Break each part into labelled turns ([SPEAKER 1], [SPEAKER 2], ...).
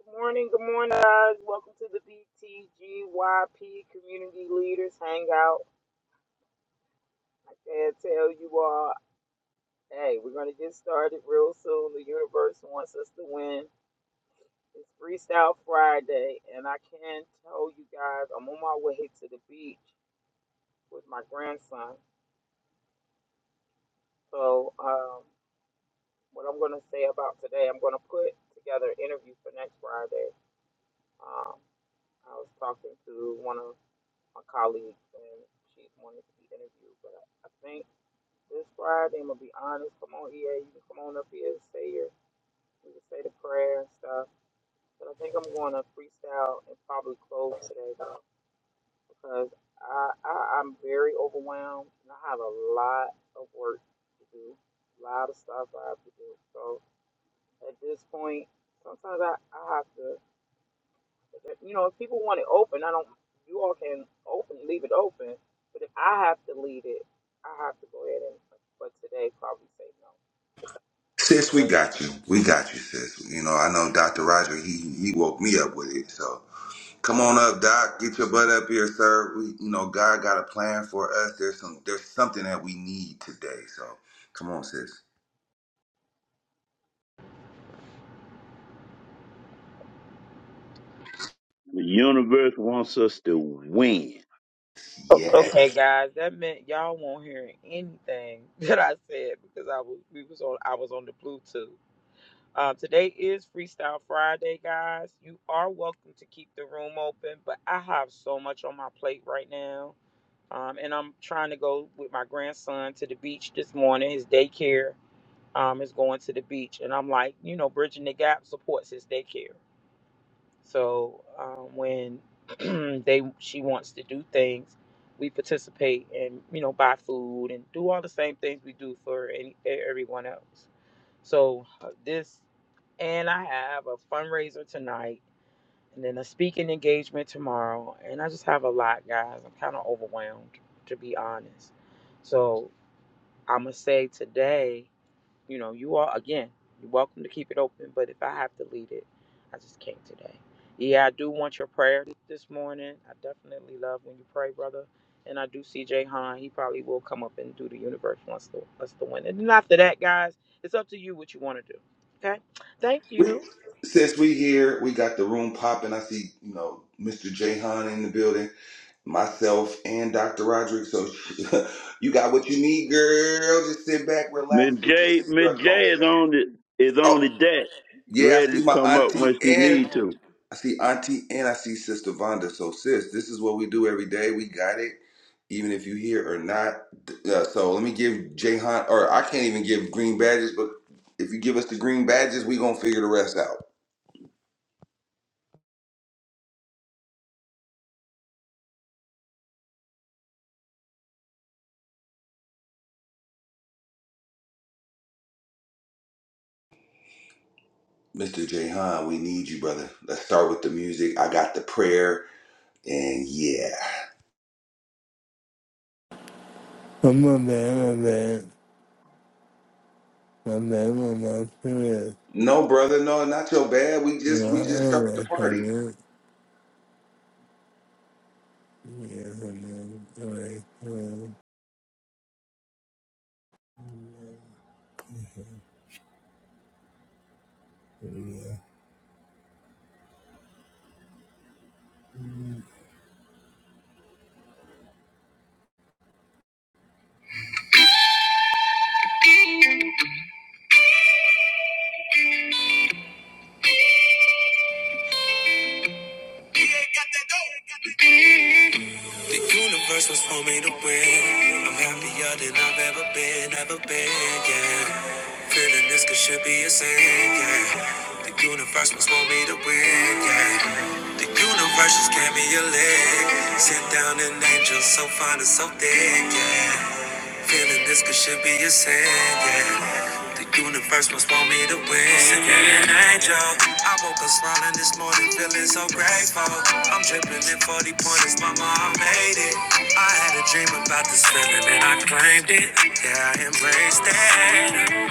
[SPEAKER 1] Good morning, good morning, guys. Welcome to the BTGYP Community Leaders Hangout. And tell you all, hey, we're going to get started real soon. The universe wants us to win. It's Freestyle Friday, and I can tell you guys, I'm on my way to the beach with my grandson. So, um, what I'm going to say about today, I'm going to put together an interview for next Friday. Um, I was talking to one of my colleague, and she's wanted to be interviewed. But I I think this Friday, I'm gonna be honest. Come on, EA, you can come on up here and say your, you can say the prayer and stuff. But I think I'm going to freestyle and probably close today, bro, because I, I I'm very overwhelmed and I have a lot of work to do, a lot of stuff I have to do. So at this point, sometimes I, I have to. you know, if people want it open, I don't. You all can open, leave it open. But if I have to lead it, I have to go ahead and. But today, probably say no
[SPEAKER 2] Sis, we
[SPEAKER 1] because
[SPEAKER 2] got you.
[SPEAKER 1] I
[SPEAKER 2] We got
[SPEAKER 1] can't.
[SPEAKER 2] you, sis. You know, I know Dr. Roger, he, he woke me up with it. So come on up,
[SPEAKER 1] Oh
[SPEAKER 2] Doc. Get
[SPEAKER 1] wow.
[SPEAKER 2] your butt up here, sir. We, you know, God got a plan for us. There's some there's something that we need today. So come on, sis.
[SPEAKER 3] The universe wants us to win.
[SPEAKER 2] Yes.
[SPEAKER 1] Okay, guys, that meant y'all won't hear anything that I said because I was we was on I was on the Bluetooth. Um, today is Freestyle Friday, guys. You are welcome to keep the room open, but I have so much on my plate right now Um, and I'm trying to go with my grandson to the beach this morning. His daycare um, is going to the beach. And I'm like, you know, Bridging the Gap supports his daycare. So um, when they she wants to do things, we participate and, you know, buy food and do all the same things we do for any, everyone else. So uh, this, and I have a fundraiser tonight and then a speaking engagement tomorrow. And I just have a lot, guys. I'm kind of overwhelmed, to be honest. So I'm going to say today, you know, you all, again, you're welcome to keep it open, but if I have to lead it, I just can't today. Yeah, I do want your prayer th- this morning. I definitely love when you pray, brother. And I do see Jay Han. He probably will come up and do the universe once the us to win. And then after that, guys, it's up to you what you want to do. Okay? Thank
[SPEAKER 2] We,
[SPEAKER 1] you.
[SPEAKER 2] sis, we here. We got the room popping. I see, you know, Mr. Jahan in the building, myself and Dr. Roderick. So you got what you need, girl. Just sit back,
[SPEAKER 3] Miss
[SPEAKER 2] relax, put your
[SPEAKER 3] J, Miss J
[SPEAKER 2] seatbelt on.
[SPEAKER 3] is on the is on
[SPEAKER 2] Oh,
[SPEAKER 3] the deck,
[SPEAKER 2] yeah, I
[SPEAKER 3] ready
[SPEAKER 2] see
[SPEAKER 3] to
[SPEAKER 2] my
[SPEAKER 3] come up
[SPEAKER 2] auntie
[SPEAKER 3] when she
[SPEAKER 2] and.
[SPEAKER 3] need to.
[SPEAKER 2] I see Auntie and I see Sister Vonda. So, sis, this is what we do every day. We got it, even if you here or not. Uh, so, let me give Jahan, or I can't even give green badges, but if you give us the green badges, we gonna figure the rest out. Mr. Jahan, we need you, brother. Let's start with the music. I got the prayer, and yeah.
[SPEAKER 4] I'm a man, a man, a man, a man, period.
[SPEAKER 2] No, brother, no, not your bad. We just
[SPEAKER 4] No,
[SPEAKER 2] we
[SPEAKER 4] I
[SPEAKER 2] just
[SPEAKER 4] don't
[SPEAKER 2] started the
[SPEAKER 4] like
[SPEAKER 2] party.
[SPEAKER 4] period. Yeah, a man, I like period. The universe was for me to win. I'm happier than I've ever been, ever been, yeah. Feeling this could should be a sin, yeah. The universe was for me to win, yeah. The universe just gave me a leg. Sit down an angel so fine and so thick, yeah. Feeling this could should be a sin, yeah. The universe must want me to win. Send me an angel. I woke up smiling this morning, feeling so grateful. I'm dripping in 40 pointers, mama, I made it. I had a dream about this feeling and I claimed it. Yeah, I embraced it.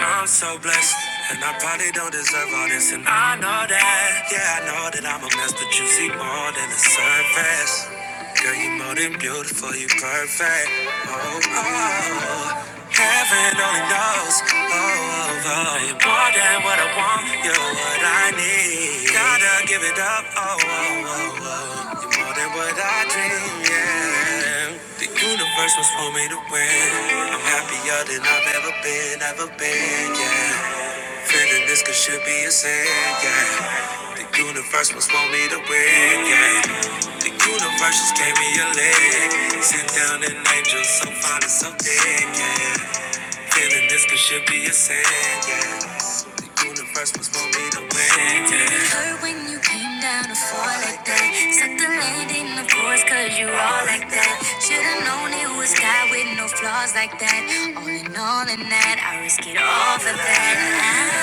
[SPEAKER 4] I'm so blessed. And I probably don't deserve all this, and I know that. Yeah, I know that I'm a mess, but you see more than the surface. Girl, you more than beautiful, you perfect. Oh, oh, oh. heaven only knows. Oh, oh, oh, you're more than what I want, you're what I need. Gotta give it up. Oh, oh, oh, oh. you're more than what I dream. Yeah, the universe was for me to win. I'm happier than I've ever been, ever been. Yeah. Feeling this could should be a sin, yeah. The universe must want me to win, yeah. The universe just gave me a leg. Sent down an angel so fine and so thick, yeah. Feeling this could should be a sin, yeah. The universe must want me to win, yeah. It Hurt when you came down to fall like that. Set the landing, of course, cause you all like that. Should've known it was God with no flaws like that. All in all, in that, I risk it all for that. I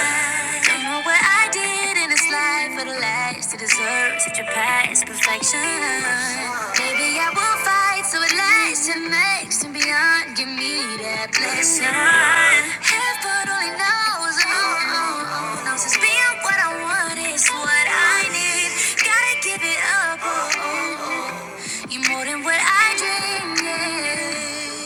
[SPEAKER 4] don't know what I did in this life for the last to deserve such a past perfection. Maybe I will fight so it lasts and makes and beyond. Give me that blessing. Heaven only knows, oh, oh, oh, knows it's being what I want is what I need. Gotta give it up, oh, oh, oh. You're more than what I dreamed. yeah.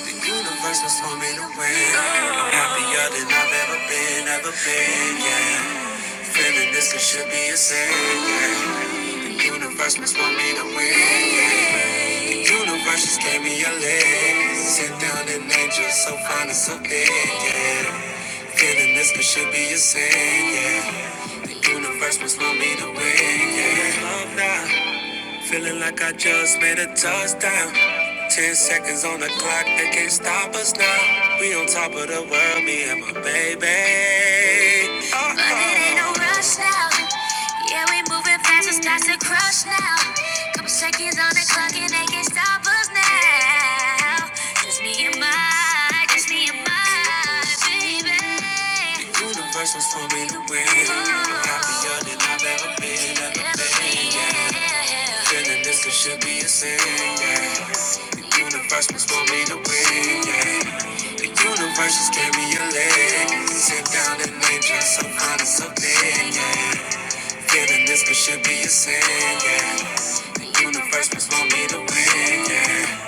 [SPEAKER 4] The universe was for me to win. I'm happier than I've ever been, ever been. Yeah. Feeling this it should be a sin. Yeah. The universe was for me to win. Yeah. The universe just gave me a leg. Sit down an angel, so fine and so big. Yeah. Feeling this could should be a sin. Yeah. The universe was for me to win. Yeah. Love now. Feeling like I just made a touchdown. Ten seconds on the clock, they can't stop us now. We on top of the world, me and my baby. Oh, but it ain't no rush now. Yeah, we moving fast, it's not to crush now. Couple seconds on the clock, and they can't stop us now. Just me and my it's me and my baby. The universe was for me to win. I'm happier than I've ever been, ever been. Yeah. Feeling this it should be a sin. Yeah. The universe was for me to win. Yeah. The universe just gave me a leg. Sit down and enjoy some kind of something. Yeah. Feeling this it should be a sin. Yeah. The universe was for me to win. Yeah.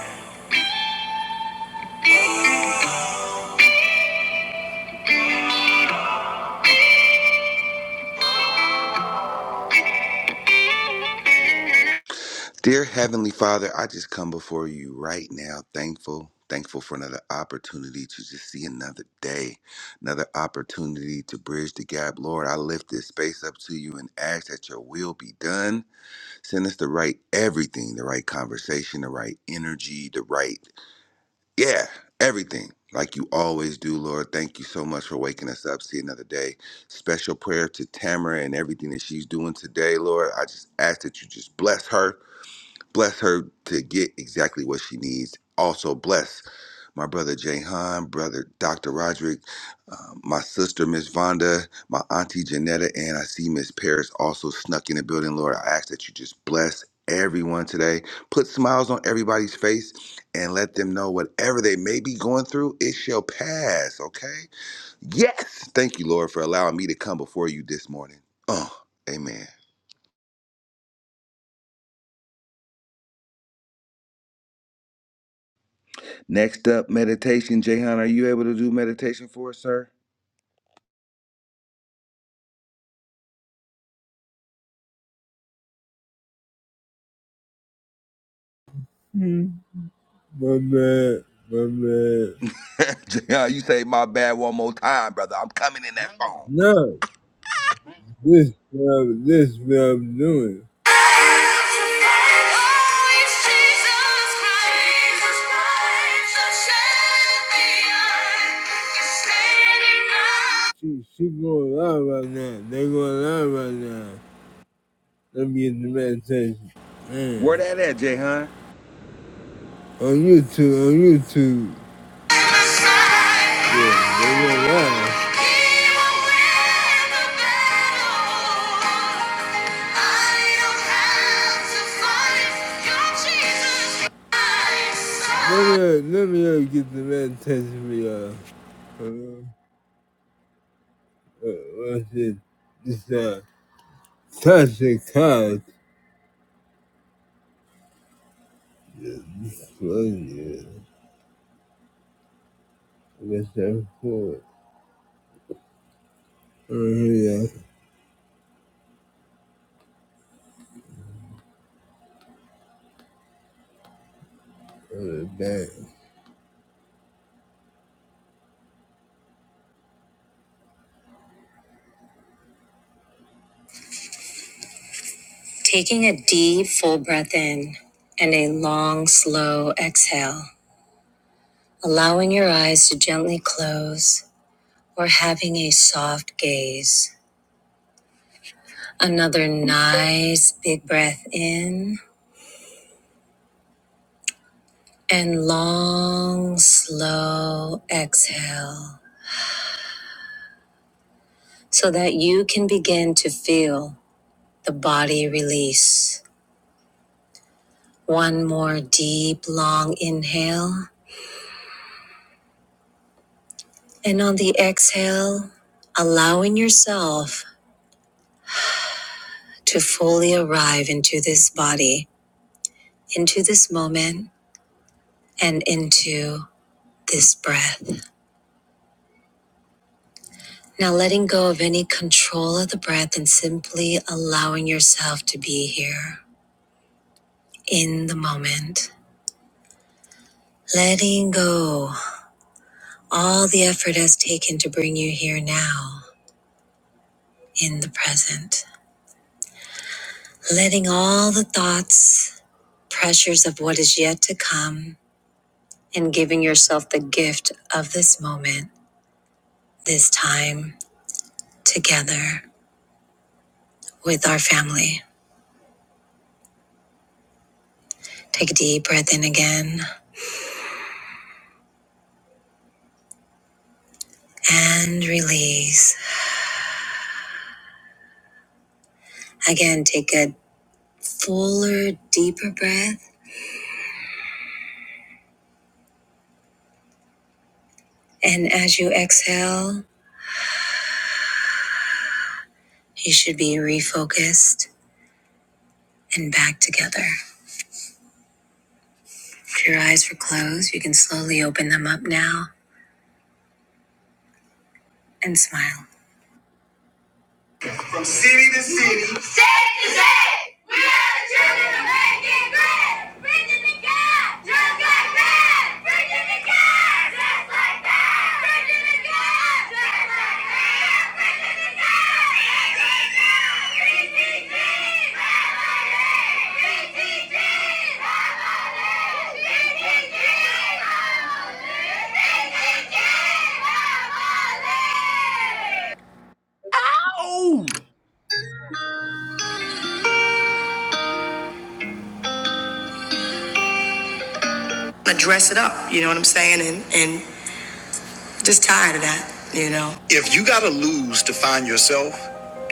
[SPEAKER 2] Dear Heavenly Father, I just come before you right now, thankful, thankful for another opportunity to just see another day, another opportunity to bridge the gap. Lord, I lift this space up to you and ask that your will be done. Send us the right everything, the right conversation, the right energy, the right, yeah, everything. Like you always do, Lord. Thank you so much for waking us up. See another day. Special prayer to Tamara and everything that she's doing today, Lord. I just ask that you just bless her bless her to get exactly what she needs. Also bless my brother Jahan, brother Dr. Roderick, uh, my sister Miss Vonda, my auntie Janetta, and I see Miss Paris also snuck in the building. Lord, I ask that you just bless everyone today. Put smiles on everybody's face and let them know whatever they may be going through, it shall pass. Okay? Yes. Thank you, Lord, for allowing me to come before you this morning. Oh, amen. Next up, meditation. Jahan, are you able to do meditation for us, sir?
[SPEAKER 4] My man, my man.
[SPEAKER 2] Jahan, you say my bad one more time, brother. I'm coming in that phone.
[SPEAKER 4] No. This love, this love doing. She, she going live right now. They going live right now. Let me get the meditation. Man.
[SPEAKER 2] Where that at, Jahan?
[SPEAKER 4] On YouTube, on YouTube. Yeah, yeah, yeah. run. Let me, uh, let me uh, get the man test me, y'all. Uh, uh, what's it? This, uh, Tasha Cobb. This one, yeah. That's that four. Oh, yeah. Oh, dang. Taking a deep, full breath in and a long, slow exhale, allowing your eyes to gently close or having a soft gaze. Another nice, big breath in and long, slow exhale so that you can begin to feel the body release. One more deep, long inhale. And on the exhale, allowing yourself to fully arrive into this body, into this moment, and into this breath. Now, letting go of any control of the breath and simply allowing yourself to be here in the moment. Letting go all the effort has taken to bring you here now in the present. Letting all the thoughts, pressures of what is yet to come, and giving yourself the gift of this moment, this time together. with our family. Take a deep breath in again and release. Again, take a fuller, deeper breath. And as you exhale, you should be refocused and back together. If your eyes were closed, you can slowly open them up now and smile. From city to city. State to state. We are the children of making great. Virginia God, just like that. Virginia God, just like that. Virginia God, just like that. Virginia God. VTG, family. VTG, family. VTG, family. VTG, family.
[SPEAKER 2] Ow!
[SPEAKER 4] but dress it up. You know what I'm saying? And and just tired of that. You know. If you got to lose to find yourself,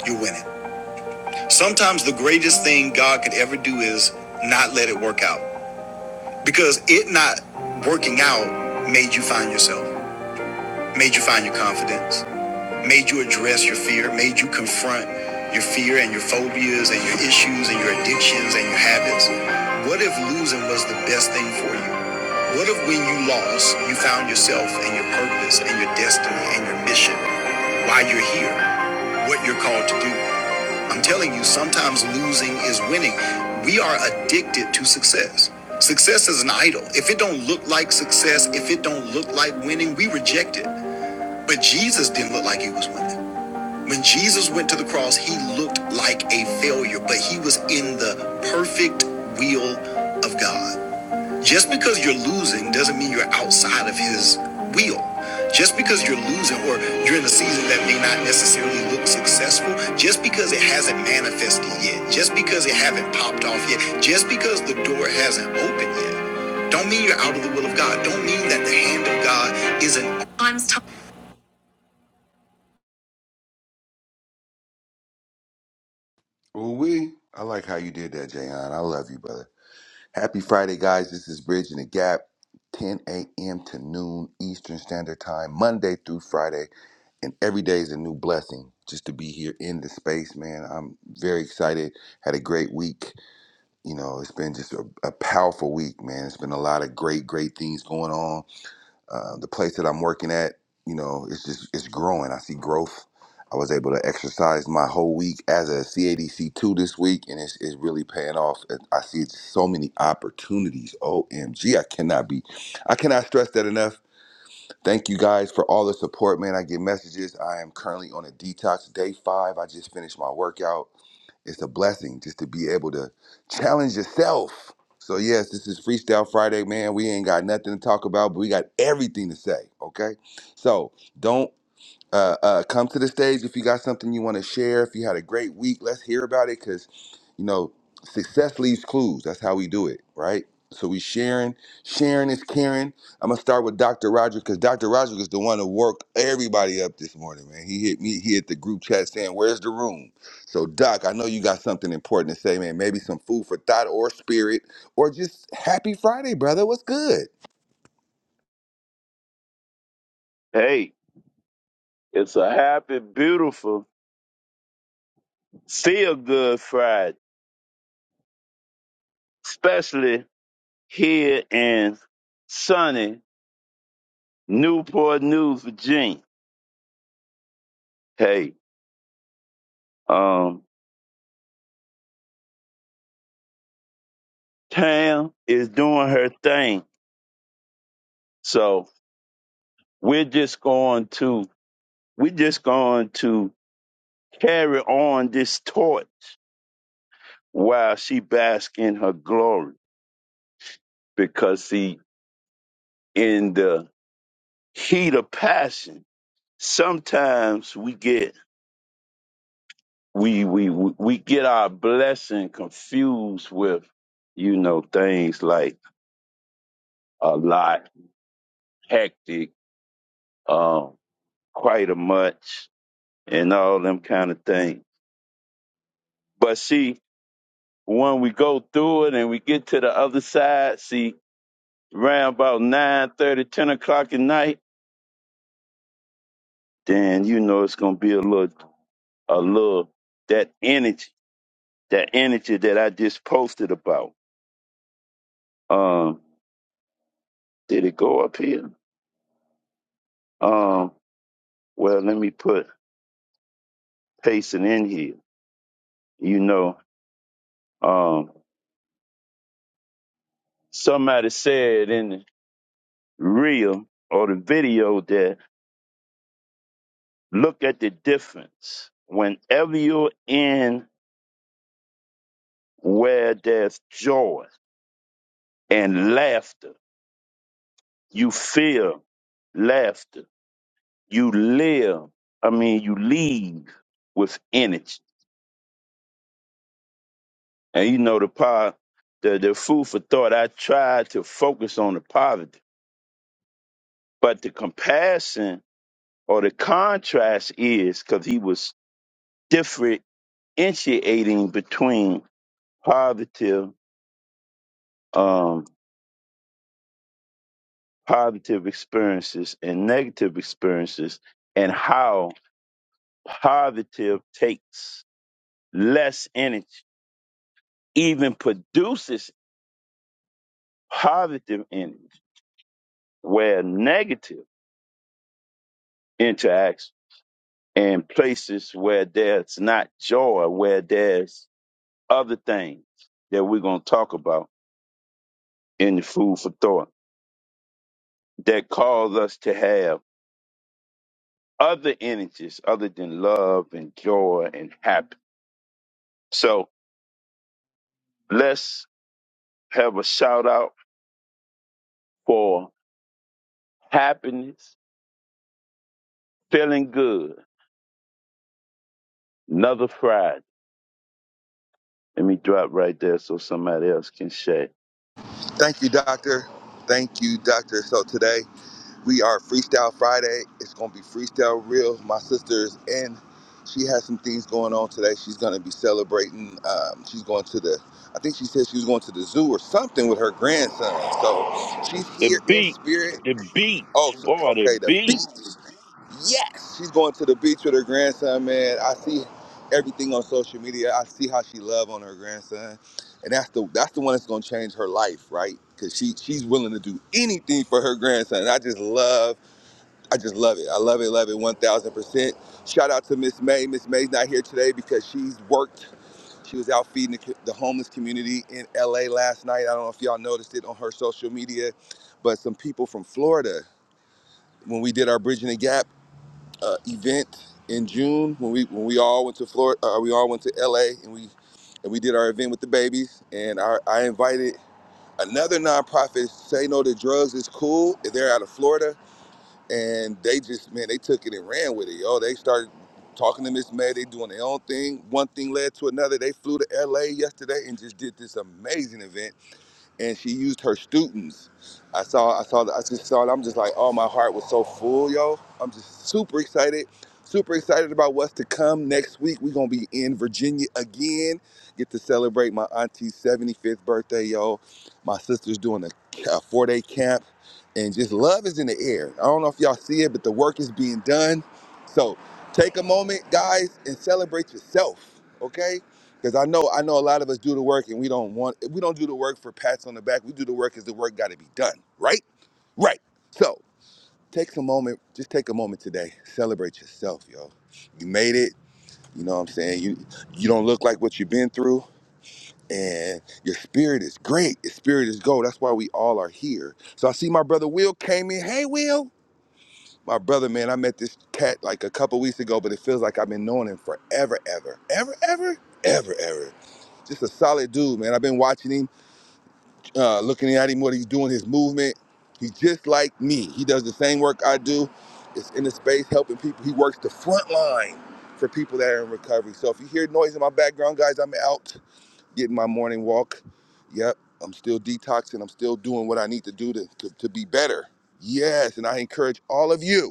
[SPEAKER 4] you're winning. Sometimes the greatest thing God could ever do is not let it work out because it not working out made you find yourself, made you find your confidence. made you address your fear, made you confront your fear and your phobias and your issues and your addictions and your habits? What if losing was the best thing for you? What if when you lost, you found yourself and your purpose and your destiny and your mission, why you're here, what you're called to do? I'm telling you, sometimes losing is winning. We are addicted to success. Success is an idol. If it don't look like success, if it don't look like winning, we reject it. But Jesus didn't look like he was winning. When Jesus went to the cross, he looked like a failure, but he was in the perfect will of God. Just because you're losing doesn't mean you're outside of his will. Just because you're losing or you're in a season that may not necessarily look successful, just because it hasn't manifested yet, just because it has not popped off yet, just because the door hasn't opened yet, don't mean you're out of the will of God. Don't mean that the hand of God isn't
[SPEAKER 2] Ooh wee. I like how you did that, Jahan. I love you, brother. Happy Friday, guys. This is Bridge and the Gap, 10 a.m. to noon Eastern Standard Time, Monday through Friday. And every day is a new blessing just to be here in the space, man. I'm very excited. Had a great week. you know, it's been just a, a powerful week, man. It's been a lot of great, great things going on. Uh, the place that I'm working at, you know, it's just it's growing. I see growth. I was able to exercise my whole week as a CADC two this week, and it's, it's really paying off. And I see so many opportunities. OMG, I cannot be, I cannot stress that enough. Thank you guys for all the support, man. I get messages. I am currently on a detox day five. I just finished my workout it's a blessing just to be able to challenge yourself. So yes, this is Freestyle Friday, man. We ain't got nothing to talk about, but we got everything to say. Okay, so don't uh, uh, come to the stage if you got something you want to share. If you had a great week, let's hear about it because, you know, success leaves clues. That's how we do it, right? So we sharing. Sharing is caring. I'm gonna start with Dr. Roger because Dr. Roger is the one who worked everybody up this morning, man. He hit me. He hit the group chat saying, "Where's the room?" So Doc, I know you got something important to say, man. Maybe some food for thought or spirit, or just happy Friday, brother. What's good?
[SPEAKER 3] Hey, it's a happy, beautiful, feel good Friday, especially here in sunny Newport News, Virginia. Hey, um, Tam is doing her thing, so we're just going to we're just going to carry on this torch while she basks in her glory. Because see, in the heat of passion, sometimes we get we we we we get our blessing confused with you know things like a lot, hectic, um, quite a much, and all them kind of things. But see, when we go through it and we get to the other side, see, around about nine thirty, ten o'clock at night, then you know it's gonna be a little a little that energy, that energy that I just posted about. Um, did it go up here? Um, well, let me put pacing in here. You know, um, somebody said in the reel or the video that look at the difference. Whenever you're in where there's joy and laughter, you feel laughter. You live. I mean, you leave with energy And you know the power, the, the food for thought. I tried to focus on the poverty, but the comparison or the contrast is because he was differentiating between positive, um, positive experiences and negative experiences, and how positive takes less energy, even produces positive energy, where negative interacts and places where there's not joy, where there's other things that we're going to talk about in the food for thought that cause us to have other energies other than love and joy and happiness. So let's have a shout out for happiness, feeling good, another Friday. Let me drop right there so somebody else can share.
[SPEAKER 2] Thank you, Doctor. Thank you, Doctor. So today. We are Freestyle Friday. It's going to be Freestyle Real. My sister is in. She has some things going on today. She's going to be celebrating. Um, she's going to the, I think she said she was going to the zoo or something with her grandson. So she's
[SPEAKER 3] The
[SPEAKER 2] here in
[SPEAKER 3] beat,
[SPEAKER 2] spirit.
[SPEAKER 3] the beat,
[SPEAKER 2] Oh, so-
[SPEAKER 3] boy, the
[SPEAKER 2] okay, the beach.
[SPEAKER 3] beat.
[SPEAKER 2] Yes, she's going to the beach with her grandson, man. I see everything on social media. I see how she love on her grandson, and that's the that's the one that's gonna change her life, right? Because she she's willing to do anything for her grandson. And I just love I just love it. I love it, love it, 1000%. Shout out to Miss May. Miss May's not here today because she's worked. She was out feeding the, the homeless community in LA last night. I don't know if y'all noticed it on her social media, but some people from Florida, when we did our Bridging the Gap uh, event in June, when we when we all went to Florida, uh, we all went to LA and we and we did our event with the babies, and our, I invited another nonprofit, Say No to Drugs is Cool. They're out of Florida and they just man, they took it and ran with it, yo. They started talking to Miss May. They doing their own thing. One thing led to another. They flew to L.A. yesterday and just did this amazing event and she used her students. I saw, I saw, I just saw it. I'm just like, oh, my heart was so full, yo. I'm just super excited, super excited about what's to come next week. We're gonna be in Virginia again. Get to celebrate my auntie's 75th birthday, yo. My sister's doing a, a four day camp, and just love is in the air. I don't know if y'all see it, but the work is being done. So take a moment, guys, and celebrate yourself, okay? Because I know I know a lot of us do the work and we don't want we don't do the work for pats on the back. We do the work because the work got to be done, right? Right. So take a moment, just take a moment today. Celebrate yourself, yo. You made it. You know what I'm saying? You you don't look like what you've been through. And your spirit is great. Your spirit is gold. That's why we all are here. So I see my brother Will came in. Hey Will. My brother, man, I met this cat like a couple weeks ago, but it feels like I've been knowing him forever, ever, ever, ever, ever, ever. Just a solid dude, man. I've been watching him, uh, looking at him, what he's doing, his movement. He's just like me. He does the same work I do. It's in the space helping people. He works the front line for people that are in recovery. So if you hear noise in my background, guys, I'm out getting my morning walk. Yep, I'm still detoxing. I'm still doing what I need to do to, to, to be better. Yes, and I encourage all of you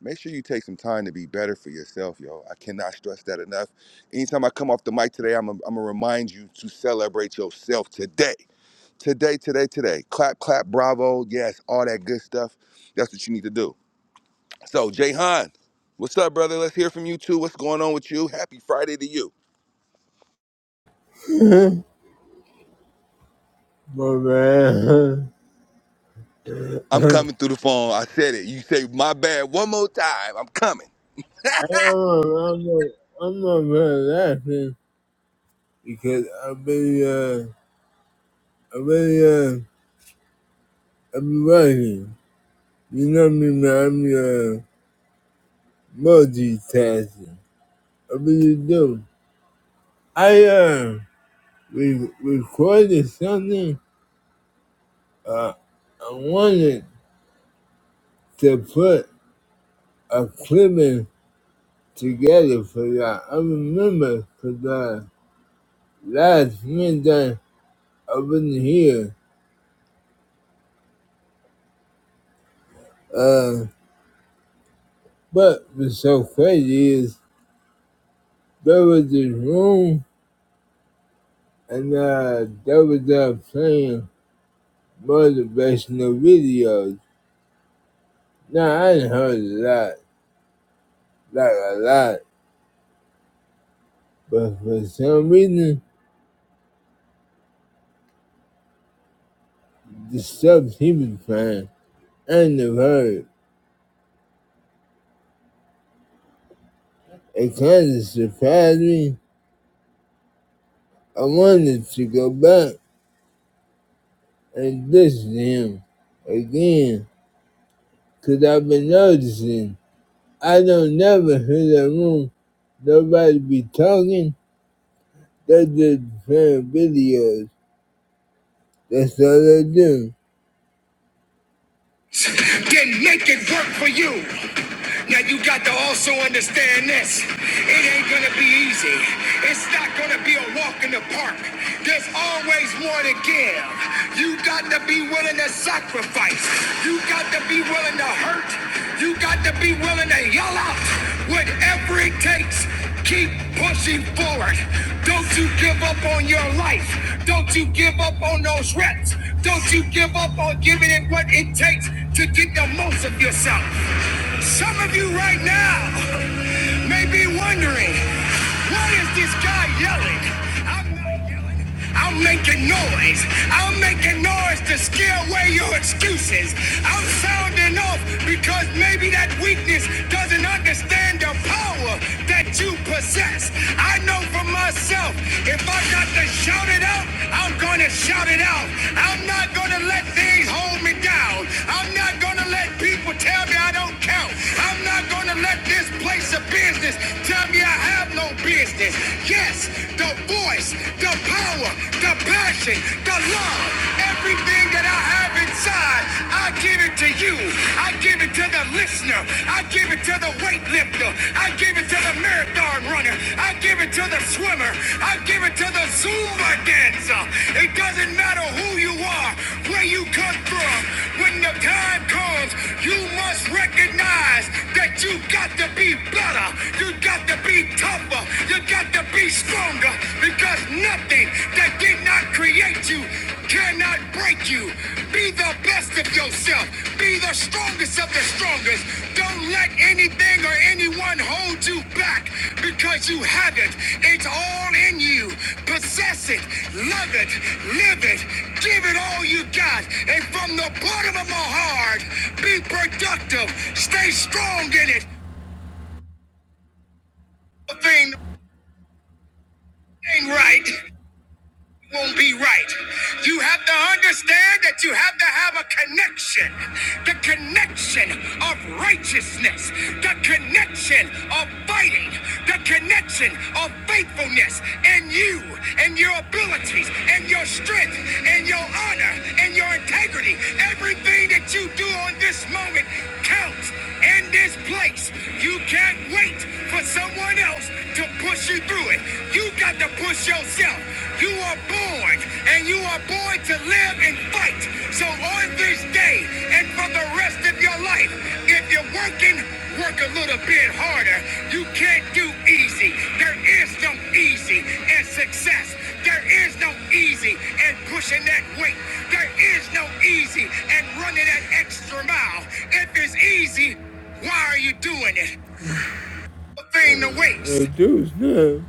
[SPEAKER 2] make sure you take some time to be better for yourself, yo. I cannot stress that enough. Anytime I come off the mic today, I'm going to remind you to celebrate yourself today. Today, today, today. Clap, clap, bravo. Yes, all that good stuff. That's what you need to do. So, Jayhan, what's up, brother? Let's hear from you too. What's going on with you? Happy Friday to you.
[SPEAKER 4] My man.
[SPEAKER 2] I'm coming through the phone. I said it. You say my bad one more time. I'm coming.
[SPEAKER 4] I'm not, I'm not really laughing because I've been, uh, I've been, uh, I've been working. You know me, man. I'm uh, multitasking. I really do. I uh, re- recorded something. Uh, I wanted to put a clip in together for that. I remember for that last Monday I wasn't here. Uh, but what's so crazy is There was this room, and uh, there was uh, playing motivational videos. Now, I done heard a lot, like a lot, but for some reason, the stuff he was playing, I never heard. It kind of surprised me. I wanted to go back and listen to him again, because I've been noticing. I don't never hear that room. Nobody be talking. They just playing videos. That's all they do. then make it work for you. Now you got to also understand this. It ain't gonna be easy. It's not gonna be a walk in the park. There's always more to give. You got to be willing to sacrifice. You got to be willing to hurt. You got to be willing to yell out whatever it takes Keep pushing forward. Don't you give up on your life. Don't you give up on those reps. Don't you give up on giving it what it takes to get the most of yourself. Some of you right now may be wondering, what is this guy yelling? I'm not. I'm making noise. I'm making noise to scare away your excuses. I'm sounding off because maybe that weakness doesn't understand the power that you possess. I know for myself, if I got to shout it out, I'm gonna shout it out. I'm not gonna let things hold me down. I'm not gonna let people tell me I don't count. I'm not gonna let this place of business tell me I have no business. Yes, the voice, the power, the passion, the love, everything that I have inside, I give it to you. I give it to the listener. I give it to the weightlifter. I give it to the marathon runner. I give it to the swimmer. I give it to the Zumba dancer. It doesn't matter who you are, where you come from. When the time comes, you must recognize that you got to be better. You got to be tougher. You got to be stronger because nothing that did not create you cannot break you. Be the best of yourself. Be the strongest of the strongest. Don't let anything or anyone hold you back because you have it. It's all in you. Possess it. Love it. Live it. Give it all you got. And from the bottom of my heart, be productive. Stay strong in it. Thing ain't right won't be right. You have to understand that you have to have a connection. The connection of righteousness. The connection of fighting. The connection of faithfulness and you and your abilities and your strength and your honor and your integrity. Everything that you do on this moment counts in this place. You can't wait for someone else to push you through it. You got to push yourself. You are born and you are born to live and fight. So on this day and for the rest of your life, if you're working, Work a little bit harder. You can't do easy. There is no easy in success. There is no easy in pushing that weight. There is no easy in running that extra mile. If it's easy, why are you doing it? The Thing to waste. It dude's good.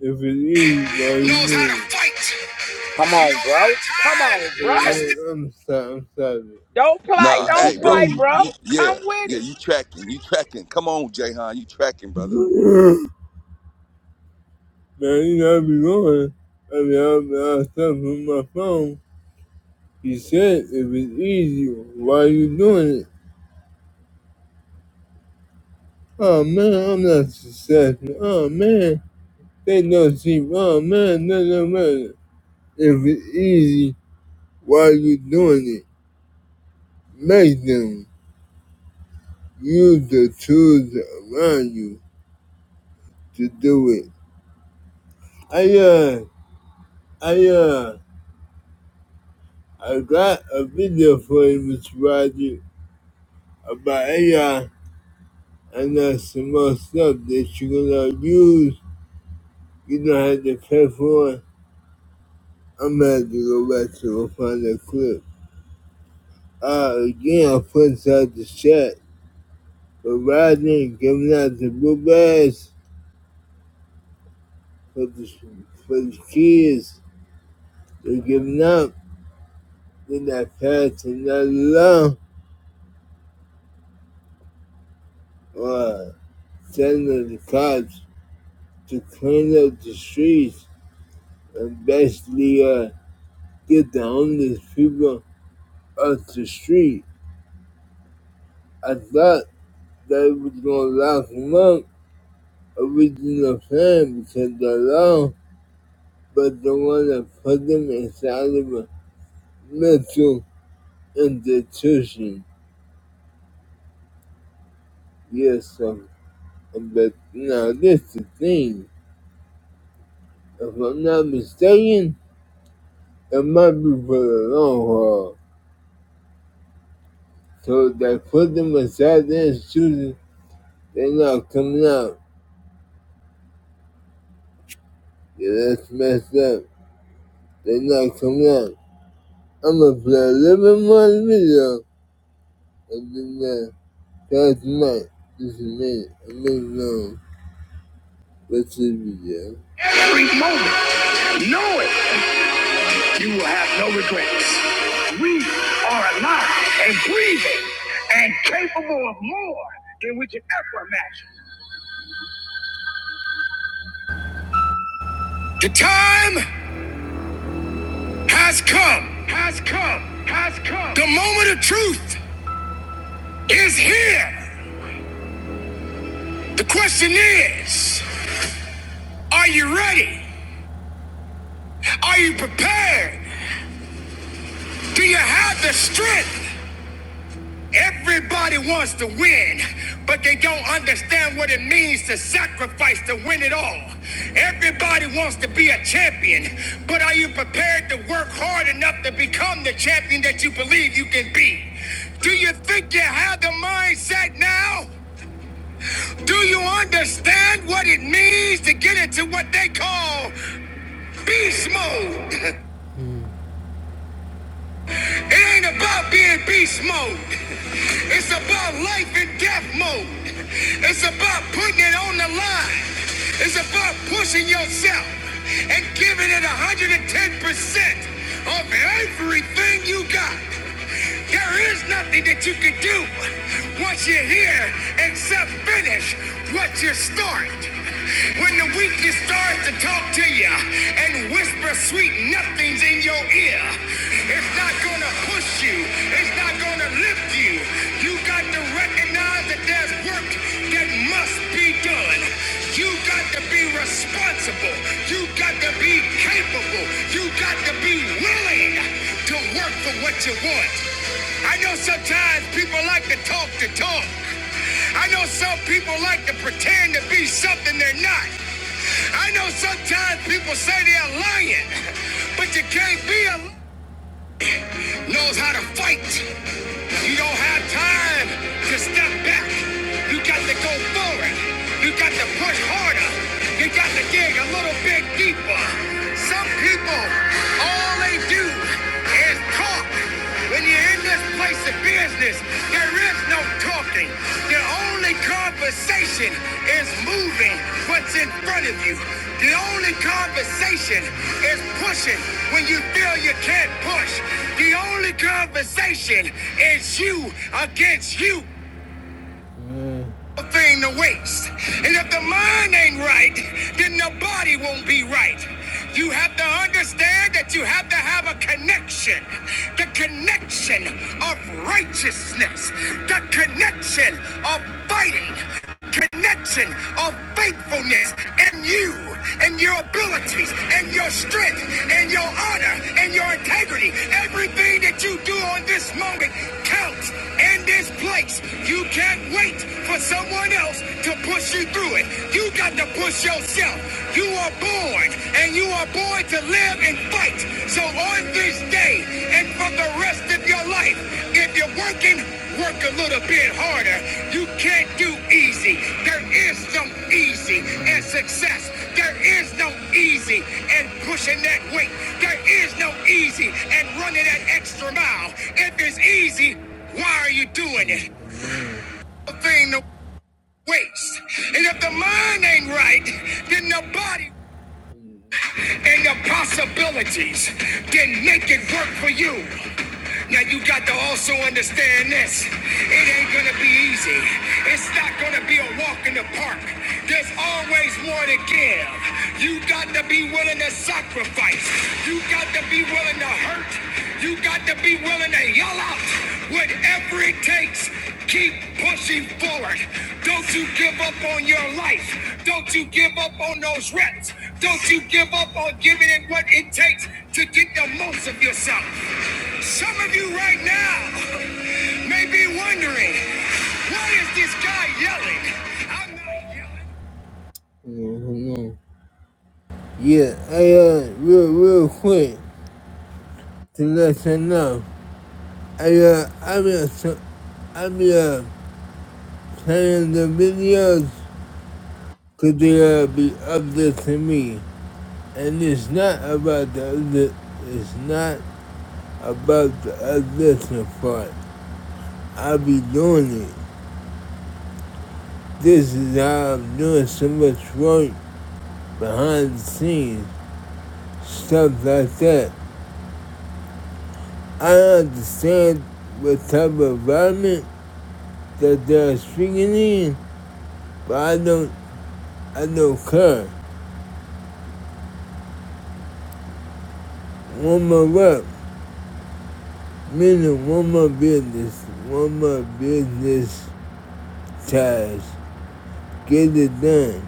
[SPEAKER 4] If it's easy, why you knows how to fight.
[SPEAKER 1] Come
[SPEAKER 4] You
[SPEAKER 1] on, bro. Come on,
[SPEAKER 4] don't have time. Hey,
[SPEAKER 1] bro.
[SPEAKER 4] I'm sorry. I'm sorry.
[SPEAKER 1] Don't play,
[SPEAKER 2] Nah,
[SPEAKER 4] If
[SPEAKER 1] don't
[SPEAKER 2] hey,
[SPEAKER 4] it's
[SPEAKER 2] bro.
[SPEAKER 1] play,
[SPEAKER 2] You,
[SPEAKER 4] easy.
[SPEAKER 1] bro.
[SPEAKER 2] you,
[SPEAKER 1] Come
[SPEAKER 2] yeah,
[SPEAKER 1] with it.
[SPEAKER 2] yeah, you tracking. You tracking. Come on, Jayhan. You tracking, brother.
[SPEAKER 4] Now you know i be going, I'd be out stuff on my phone. He said "If it's easy. Why you doing it? Oh man, I'm not successful. Oh man, they don't see. Oh man, no, no, matter. If it's easy, why you doing it? Make them use the tools around you to do it. I uh, I uh, I got a video for you, Mr. Roger, about AI and that's the most stuff that you cannot use. You don't have to pay for it. I'm gonna have to go back to go find that clip. Uh, again, I put out the chat, but Rodney giving out the book bags for the, for the kids. They're giving up. They're not passing that law or telling the cops to clean up the streets and basically uh, get the homeless people off the street. I thought They was gonna lock him up, original plan because the law was the one that put them inside of a mental institution. Yes, sir. But now this is the thing. If I'm not mistaken, it might be for the long haul. So they put them inside the institution, they're not coming out. Yeah, that's messed up. They're not coming out. I'm gonna play a little bit more video and then that. God's might is made unknown but to be Every moment, know it, you will have no regrets. We are alive and breathing and capable of more than we can ever imagine. The time has come, has come, has come. The moment of truth is here. The question is, are you ready? Are you prepared? Do you have the strength? Everybody wants to win, but they don't understand what it means to sacrifice to win it all. Everybody wants to be a champion, but are you prepared to work hard enough to become the champion that you believe you can be? Do you think you have the mindset now? Do you understand what it means to get into what they call beast mode? It ain't about being beast mode. It's about life and death mode. It's about putting it on the line. It's about pushing yourself and giving it 110% of everything you got. There is nothing that you can do once you're here except finish what you start. When the weakness starts to talk to you and whisper sweet nothings in your ear, it's not gonna push you, it's not gonna lift you. You got to recognize that there's work that must be done. You got to be responsible. You got to be capable. You got to be willing to work for what you want. I know sometimes people like to talk the talk. I know some people like to pretend to be something they're not. I know sometimes people say they're lying, but you can't be a liar knows how to fight. You don't have time to step back. You got to go forward. You got to push harder. You got to dig a little bit deeper. Some people, all they do is talk. When you're in this place of business, there is no talking. The only conversation is moving what's in front of you. The only conversation is pushing when you feel you can't push. The only conversation is you against you. No Thing to waste. And if the mind ain't right, then the body won't be right. You have to understand that you have to have a connection. The connection of righteousness. The connection of fighting connection of faithfulness and you and your abilities and your strength and your honor and your integrity. Everything that you do on this moment counts in this place. You can't wait for someone else to push you through it. You got to push yourself. You are born and you are born to live in fight. So on this day and for the rest of your life, if you're working, work a little bit harder. You can't do easy. There is no easy and success. There is no easy and pushing that weight. There is no easy and running that extra mile. If it's easy, why are you doing it? The thing to waste. And if the mind ain't right, then the body and your possibilities, then make it work for you. Now you got to also understand this. It ain't gonna be easy. It's not gonna be a walk in the park. There's always more to give. You got to be willing to sacrifice. You got to be willing to hurt. You got to be willing to yell out. Whatever it takes, keep pushing forward. Don't you give up on your life. Don't you give up on those reps. Don't you give up on giving it what it takes to get the most of yourself. Some of you right now may be wondering, why is this guy yelling? I'm not yelling. Mhm. Yeah, I uh, real real quick to let you know, I uh, I'm a, I'm a Playing the videos because they gotta be up there to me. And it's not about the other, it's not about the audition part. I be doing it. This is how I'm doing so much work behind the scenes, stuff like that. I understand what type of environment that they're speaking in, but I don't, I don't care. One more rep, Meaning one more business, one more business task. Get it done.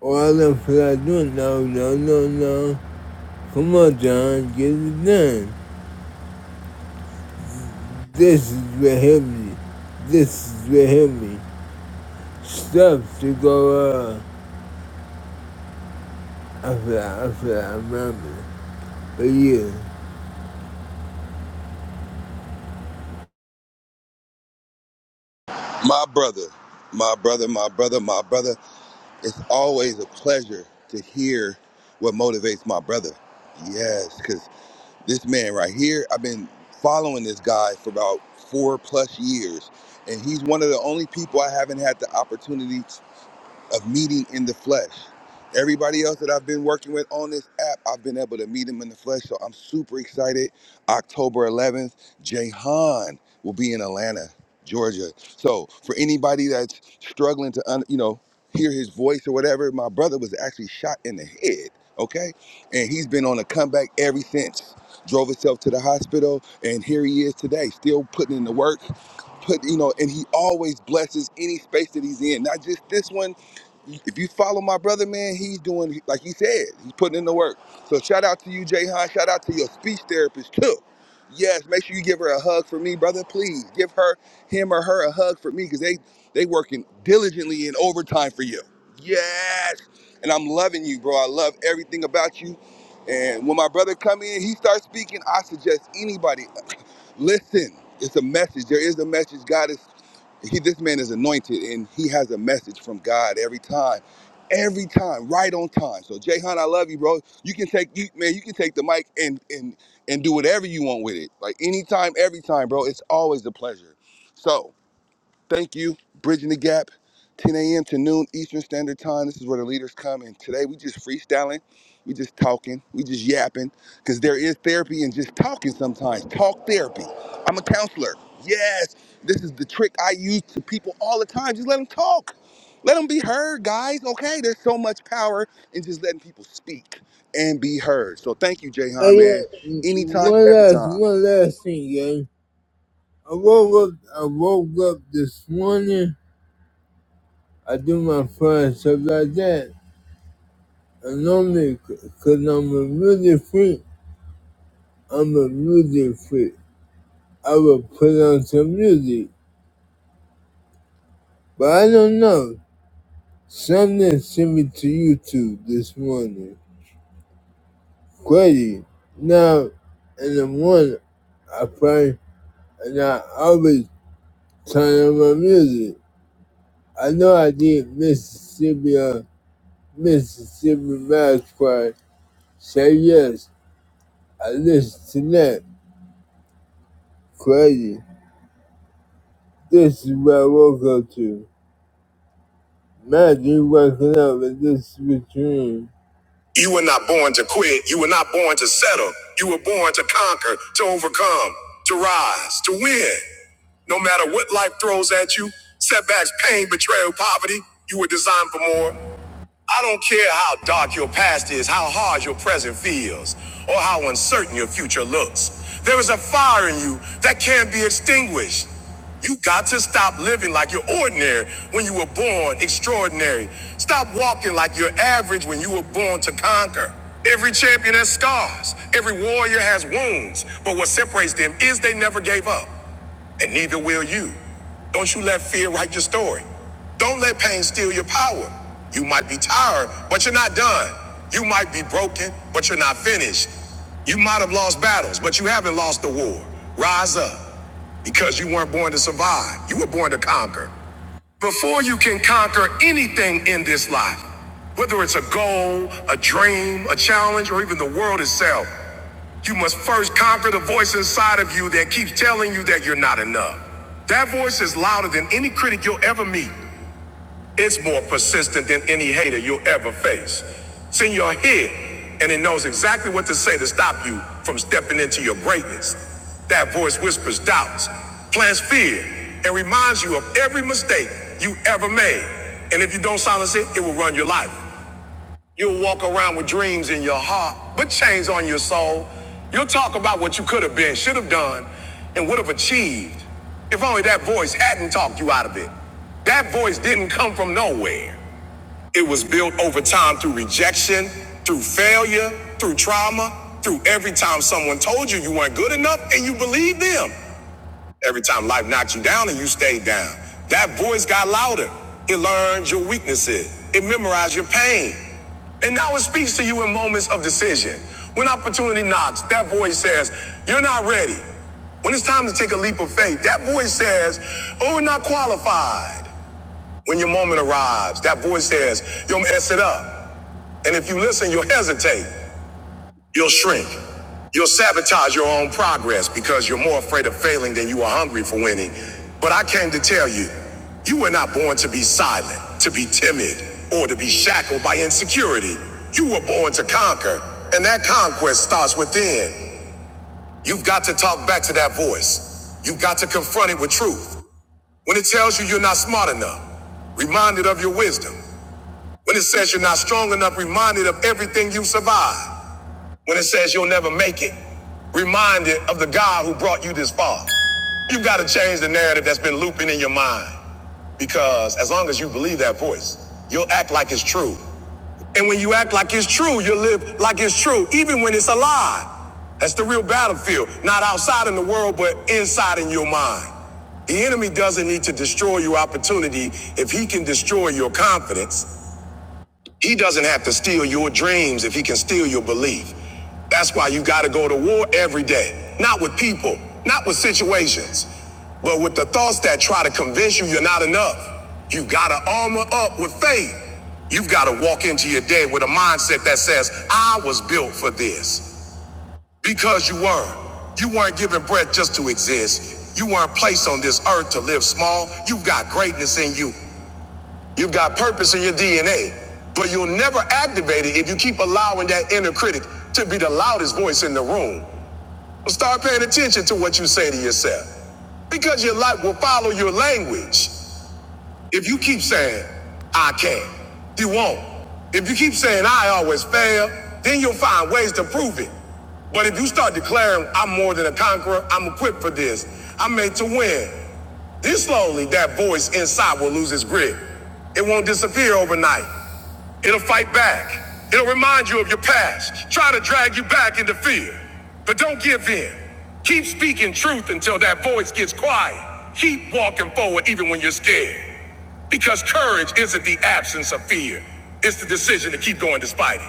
[SPEAKER 4] Or I don't feel like doing it. no, no, no, no. Come on, John, get it done. This is what helped me. This is what helped me. Stuff to go on. I feel, like, I feel, like I remember. But yeah.
[SPEAKER 2] My brother, my brother, my brother, my brother. It's always a pleasure to hear what motivates my brother. Yes, because this man right here, I've been following this guy for about four plus years, and he's one of the only people I haven't had the opportunity of meeting in the flesh. Everybody else that I've been working with on this app, I've been able to meet them in the flesh. So I'm super excited. October 11th, Jahan will be in Atlanta, Georgia. So for anybody that's struggling to, un, you know, hear his voice or whatever, my brother was actually shot in the head. Okay, and he's been on a comeback ever since. Drove himself to the hospital, and here he is today, still putting in the work, put you know and he always blesses any space that he's in not just this one if you follow my brother man he's doing like he said he's putting in the work so shout out to you jay shout out to your speech therapist too yes make sure you give her a hug for me brother please give her him or her a hug for me because they they working diligently in overtime for you yes and i'm loving you bro i love everything about you and when my brother come in he starts speaking i suggest anybody Listen, it's a message. There is a message. God is he this man is anointed and he has a message from God every time. Every time, right on time. So Jayhan, I love you, bro. You can take you man, you can take the mic and and and do whatever you want with it. Like anytime, every time, bro. It's always a pleasure. So Thank you, Bridging the Gap, 10 a.m. to noon Eastern Standard Time. This is where the leaders come. And today we just freestyling, we just talking, we just yapping, because there is therapy in just talking sometimes. Talk therapy. I'm a counselor. Yes, this is the trick I use to people all the time. Just let them talk. Let them be heard, guys. Okay, there's so much power in just letting people speak and be heard. So thank you,
[SPEAKER 4] Oh
[SPEAKER 2] Jayhan, man.
[SPEAKER 4] yeah,
[SPEAKER 2] Anytime,
[SPEAKER 4] one
[SPEAKER 2] every
[SPEAKER 4] last,
[SPEAKER 2] time.
[SPEAKER 4] one last thing, gang. I woke up, I woke up this morning. I do my first stuff like that. And normally, because I'm a music freak, I'm a music freak. I will put on some music. But I don't know. Something sent me to YouTube this morning. Crazy. Now, in the morning, I pray and I always turn on my music. I know I did Mississippi, uh, Mississippi Mass Choir. Say yes. I listen to that. Crazy. This is where I woke up to. Man, you waking up with this sweet dream. You were not born to quit. You were not born to settle. You were born to conquer, to overcome, to rise, to win. No matter what life throws at you, setbacks, pain, betrayal, poverty, you were designed for more. I don't care how dark your past is, how hard your present feels, or how uncertain your future looks. There is a fire in you that can't be extinguished. You got to stop living like you're ordinary when you were born extraordinary. Stop walking like you're average when you were born to conquer. Every champion has scars. Every warrior has wounds. But what separates them is they never gave up and neither will you. Don't you let fear write your story. Don't let pain steal your power. You might be tired, but you're not done. You might be broken, but you're not finished. You might have lost battles, but you haven't lost the war. Rise up because you weren't born to survive, you were born to conquer. Before you can conquer anything in this life, whether it's a goal, a dream, a challenge, or even the world itself, you must first conquer the voice inside of you that keeps telling you that you're not enough. That voice is louder than any critic you'll ever meet. It's more persistent than any hater you'll ever face. It's in your head, and it knows exactly what to say to stop you from stepping into your greatness. That voice whispers doubts, plants fear, and reminds you of every mistake you ever made. And if you don't silence it, it will run your life. You'll walk around with dreams in your heart, but chains on your soul. You'll talk about what you could have been, should have done, and would have achieved if only that voice hadn't talked you out of it. That voice didn't come from nowhere. It was built over time through rejection, through failure, through trauma, through every time someone told you you weren't good enough and you believed them. Every time life knocked you down and you stayed down, that voice got louder. It learned your weaknesses. It memorized your pain. And now it speaks to you in moments of decision. When opportunity knocks, that voice says, You're not ready. When it's time to take a leap of faith, that voice says, Oh, we're not qualified. When your moment arrives, that voice says, You'll mess it up. And if you listen, you'll hesitate. You'll shrink. You'll sabotage your own progress because you're more afraid of failing than you are hungry for winning. But I came to tell you, you were not born to be silent, to be timid, or to be shackled by insecurity. You were born to conquer, and that conquest starts within. You've got to talk back to that voice. You've got to confront it with truth. When it tells you you're not smart enough, reminded of your wisdom. When it says you're not strong enough, reminded of everything you survived. When it says you'll never make it, remind it of the God who brought you this far. You've got to change the narrative that's been looping in your mind because as long as you believe that voice, you'll act like it's true. And when you act like it's true, you live like it's true, even when it's a lie. That's the real battlefield, not outside in the world, but inside in your mind. The enemy doesn't need to destroy your opportunity if he can destroy your confidence. He doesn't have to steal your dreams if he can steal your belief. That's why you got to go to war every day. Not with people, not with situations, but with the thoughts that try to convince you you're not enough. You got to armor up with faith. You've got to walk into your day with a mindset that says, I was built for this. Because you were. You weren't given breath just to exist. You weren't placed on this earth to live small. You've got greatness in you. You've got purpose in your DNA, but you'll never activate it if you keep allowing that inner critic to be the loudest voice in the room. So start paying attention to what you say to yourself because your life will follow your language. If you keep saying, I can't, you won't. If you keep saying, I always fail, then you'll find ways to prove it. But if you start declaring, I'm more than a conqueror, I'm equipped for this, I'm made to win, this slowly, that voice inside will lose its grip. It won't disappear overnight. It'll fight back. It'll remind you of your past, try to drag you back into fear. But don't give in. Keep speaking truth until that voice gets quiet. Keep walking forward even when you're scared. Because courage isn't the absence of fear, it's the decision to keep going despite it.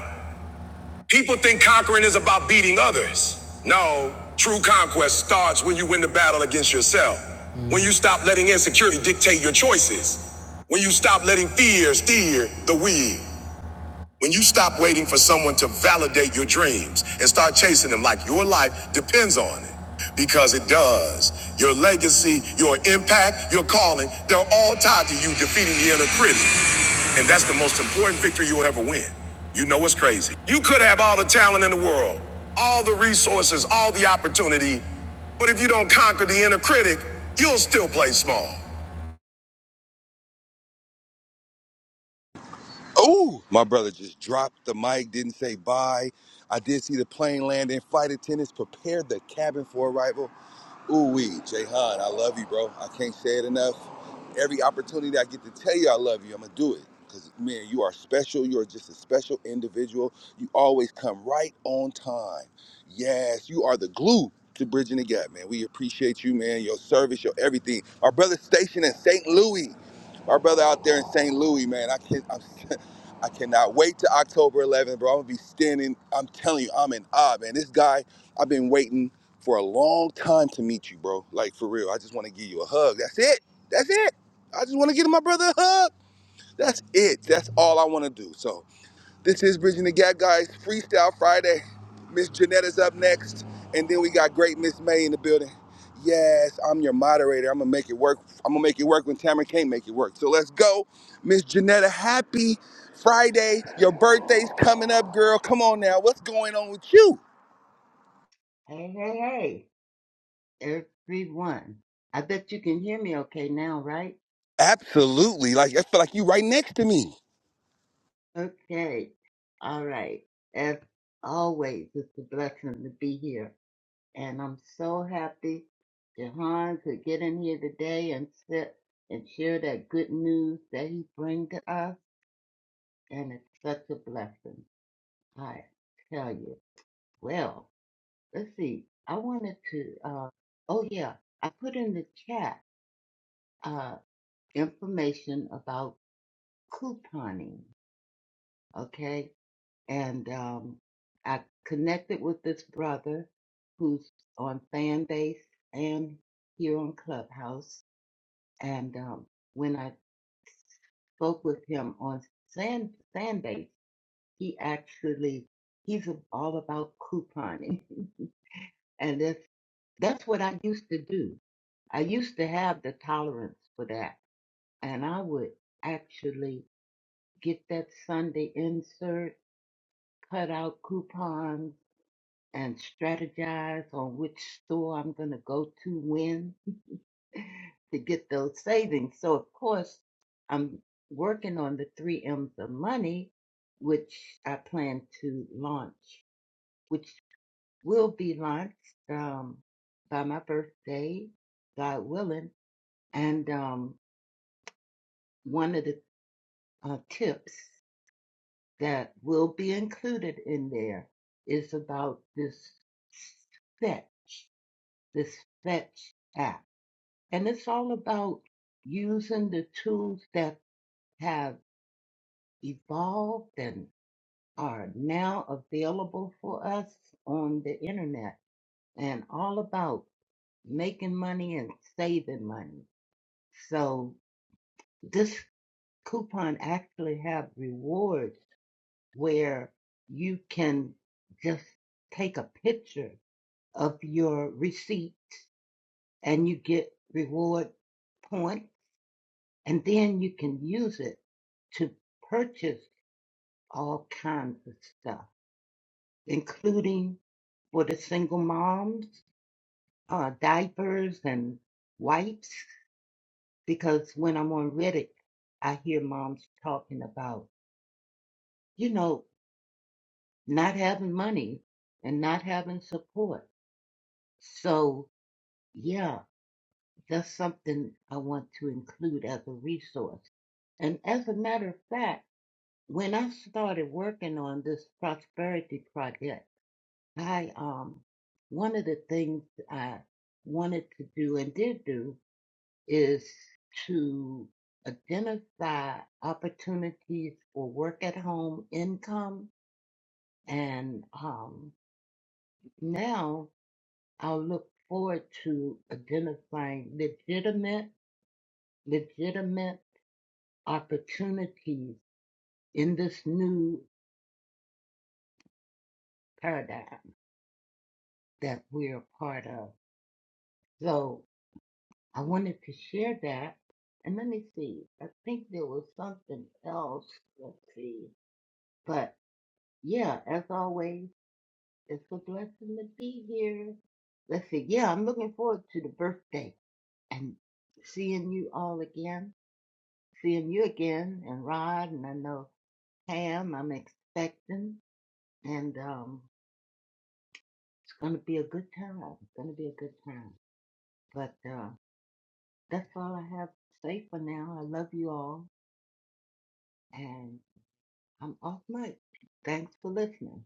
[SPEAKER 4] People think conquering is about beating others. No, true conquest starts when you win the battle against yourself. When you stop letting insecurity dictate your choices. When you stop letting fear steer the wheel. When you stop waiting for someone to validate your dreams and start chasing them like your life depends on it, because it does. Your legacy, your impact, your calling, they're all tied to you defeating the inner critic. And that's the most important victory you'll ever win. You know what's crazy? You could have all the talent in the world, all the resources, all the opportunity, but if you don't conquer the inner critic, you'll still play small.
[SPEAKER 2] Oh, my brother just dropped the mic, didn't say bye. I did see the plane land in. Flight attendants prepared the cabin for arrival. Ooh wee, Jayhan, I love you, bro. I can't say it enough. Every opportunity I get to tell you I love you, I'm gonna do it. Cause man, you are special. You are just a special individual. You always come right on time. Yes, you are the glue to bridging the gap, man. We appreciate you, man. Your service, your everything. Our brother stationed in St. Louis. Our brother out there in St. Louis, man. I can't. I'm I cannot wait to October 11th, bro. I'm gonna be standing. I'm telling you, I'm in awe, man. This guy, I've been waiting for a long time to meet you, bro. Like for real. I just want to give you a hug. That's it. That's it. I just want to give my brother a hug. That's it. That's all I want to do. So this is Bridging the Gap, guys. Freestyle Friday. Miss Janetta's up next, and then we got great Miss May in the building. Yes, I'm your moderator. I'm gonna make it work. I'm gonna make it work when Tamara can't make it work. So let's go, Miss Janetta. Happy Friday. Your birthday's coming up, girl. Come on now. What's going on with you?
[SPEAKER 5] Hey, hey, hey, everyone. I bet you can hear me okay now, right?
[SPEAKER 2] Absolutely. Like I feel like you right next to me.
[SPEAKER 5] Okay. All right. As always, it's a blessing to be here. And I'm so happy Jahan could get in here today and sit and share that good news that he brings to us. And it's such a blessing. I tell you. Well, let's see. I wanted to, uh, oh yeah, I put in the chat, uh, information about couponing. Okay. And um, I connected with this brother who's on Fanbase and here on Clubhouse. And um, when I spoke with him on Sand Fanbase, he actually he's all about couponing, and that's that's what I used to do. I used to have the tolerance for that, and I would actually get that Sunday insert, cut out coupons and strategize on which store I'm going to go to when to get those savings. So, of course, I'm working on the three M's of money, which I plan to launch, which will be launched um, by my birthday, God willing. And um, one of the uh, tips that will be included in there is about this fetch, this fetch app And it's all about using the tools that have evolved and are now available for us on the internet and all about making money and saving money. So this coupon actually have rewards where you can just take a picture of your receipt and you get reward points And then you can use it to purchase all kinds of stuff, including for the single moms, uh, diapers and wipes. Because when I'm on Reddit, I hear moms talking about, you know, not having money and not having support. So, yeah, that's something I want to include as a resource. And as a matter of fact, when I started working on this prosperity project, I um one of the things I wanted to do and did do is to identify opportunities for work at home income and um now I'll look forward to identifying legitimate legitimate opportunities in this new paradigm that we're a part of. So. I wanted to share that. And let me see. I think there was something else. Let's see. But yeah, as always, it's a blessing to be here. Let's see. Yeah, I'm looking forward to the birthday and seeing you all again. Seeing you again and Rod and I know Pam. I'm expecting and um, it's gonna be a good time. It's gonna be a good time. But uh, that's all I have to say for now. I love you all. and. I'm off mic. Thanks for listening.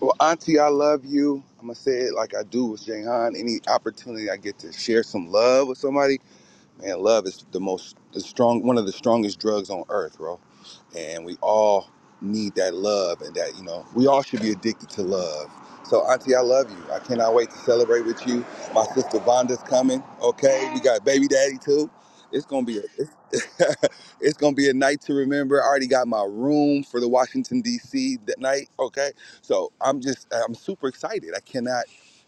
[SPEAKER 2] Well, Auntie, I love you. I'm gonna say it like I do with Jayhan. Any opportunity I get to share some love with somebody. Man, love is the most the strong one of the strongest drugs on earth, bro. And we all need that love and that, you know, we all should be addicted to love. So Auntie, I love you. I cannot wait to celebrate with you. My sister Vonda's coming. Okay. We
[SPEAKER 5] Hey,
[SPEAKER 2] got baby daddy too. It's gonna be a it's, it's gonna be a night to remember. I already got my room for the Washington DC that night. Okay. So I'm just I'm super excited. I cannot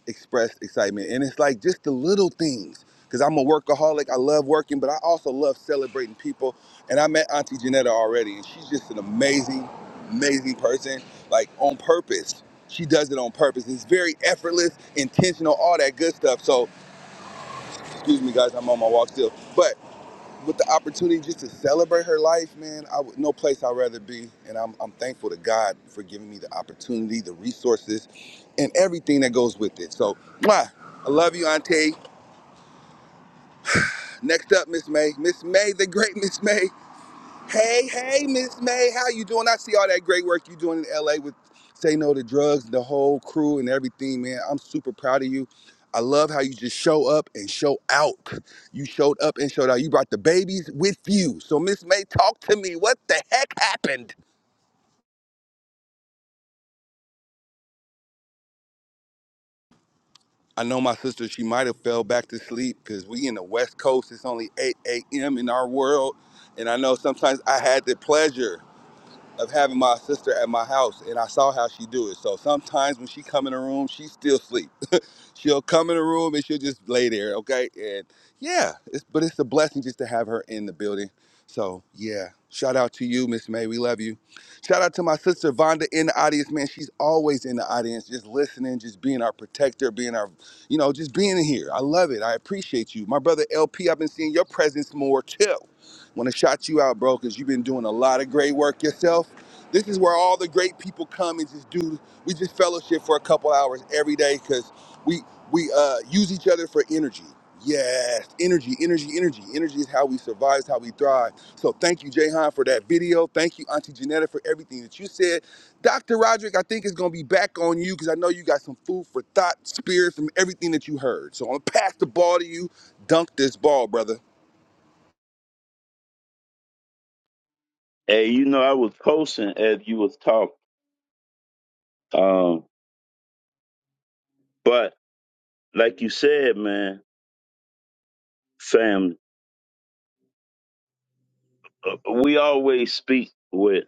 [SPEAKER 2] express excitement. And it's like just the little things because I'm a workaholic. I love working, but I also love celebrating people. And I met Auntie Janetta already, and she's just an amazing, amazing person, like on purpose. She does it on purpose. It's very effortless, intentional, all that good stuff. So, excuse me, guys, I'm on my walk still. But with the opportunity just to celebrate her life, man, I would no place I'd rather be. And I'm, I'm thankful to God for giving me the opportunity, the resources, and everything that goes with it. So, mwah, I love you, Auntie. Next up, Miss May. Miss May, the great Miss May. Hey, hey, Miss May, how you doing? I see all that great work you doing in LA with Say No to Drugs, the whole crew and everything, man. I'm super proud of you. I love how you just show up and show out. You showed up and showed out. You brought the babies with you. So Miss May, talk to me. What the heck happened? I know my sister, she might have fell back to sleep because we in the West Coast. It's only 8 a.m. in our world. And I know sometimes I had the pleasure. of having my sister at my house, and I saw how she do it. So sometimes when she come in the room, she still sleep she'll come in the room and she'll just lay there, okay? And yeah, it's, but it's a blessing just to have her in the building. So yeah, shout out to you, Miss May. We love you. Shout out to my sister Vonda in the audience, man. She's always in the audience, just listening, just being our protector, being our, you know, just being here. I love it. I appreciate you, my brother LP. I've been seeing your presence more too. Want to shout you out, bro, because you've been doing a lot of great work yourself. This is where all the great people come and just do. We just fellowship for a couple hours every day, because we we uh use each other for energy yes energy energy energy energy is how we survive is how we thrive so thank you Jahan, for that video thank you auntie janetta for everything that you said dr roderick i think it's going to be back on you because i know you got some food for thought spirit from everything that you heard so i'm going to pass the ball to you dunk this ball brother
[SPEAKER 3] Hey, you know, I was posting as you was talking. Um, but like you said, man, family, uh, we always speak with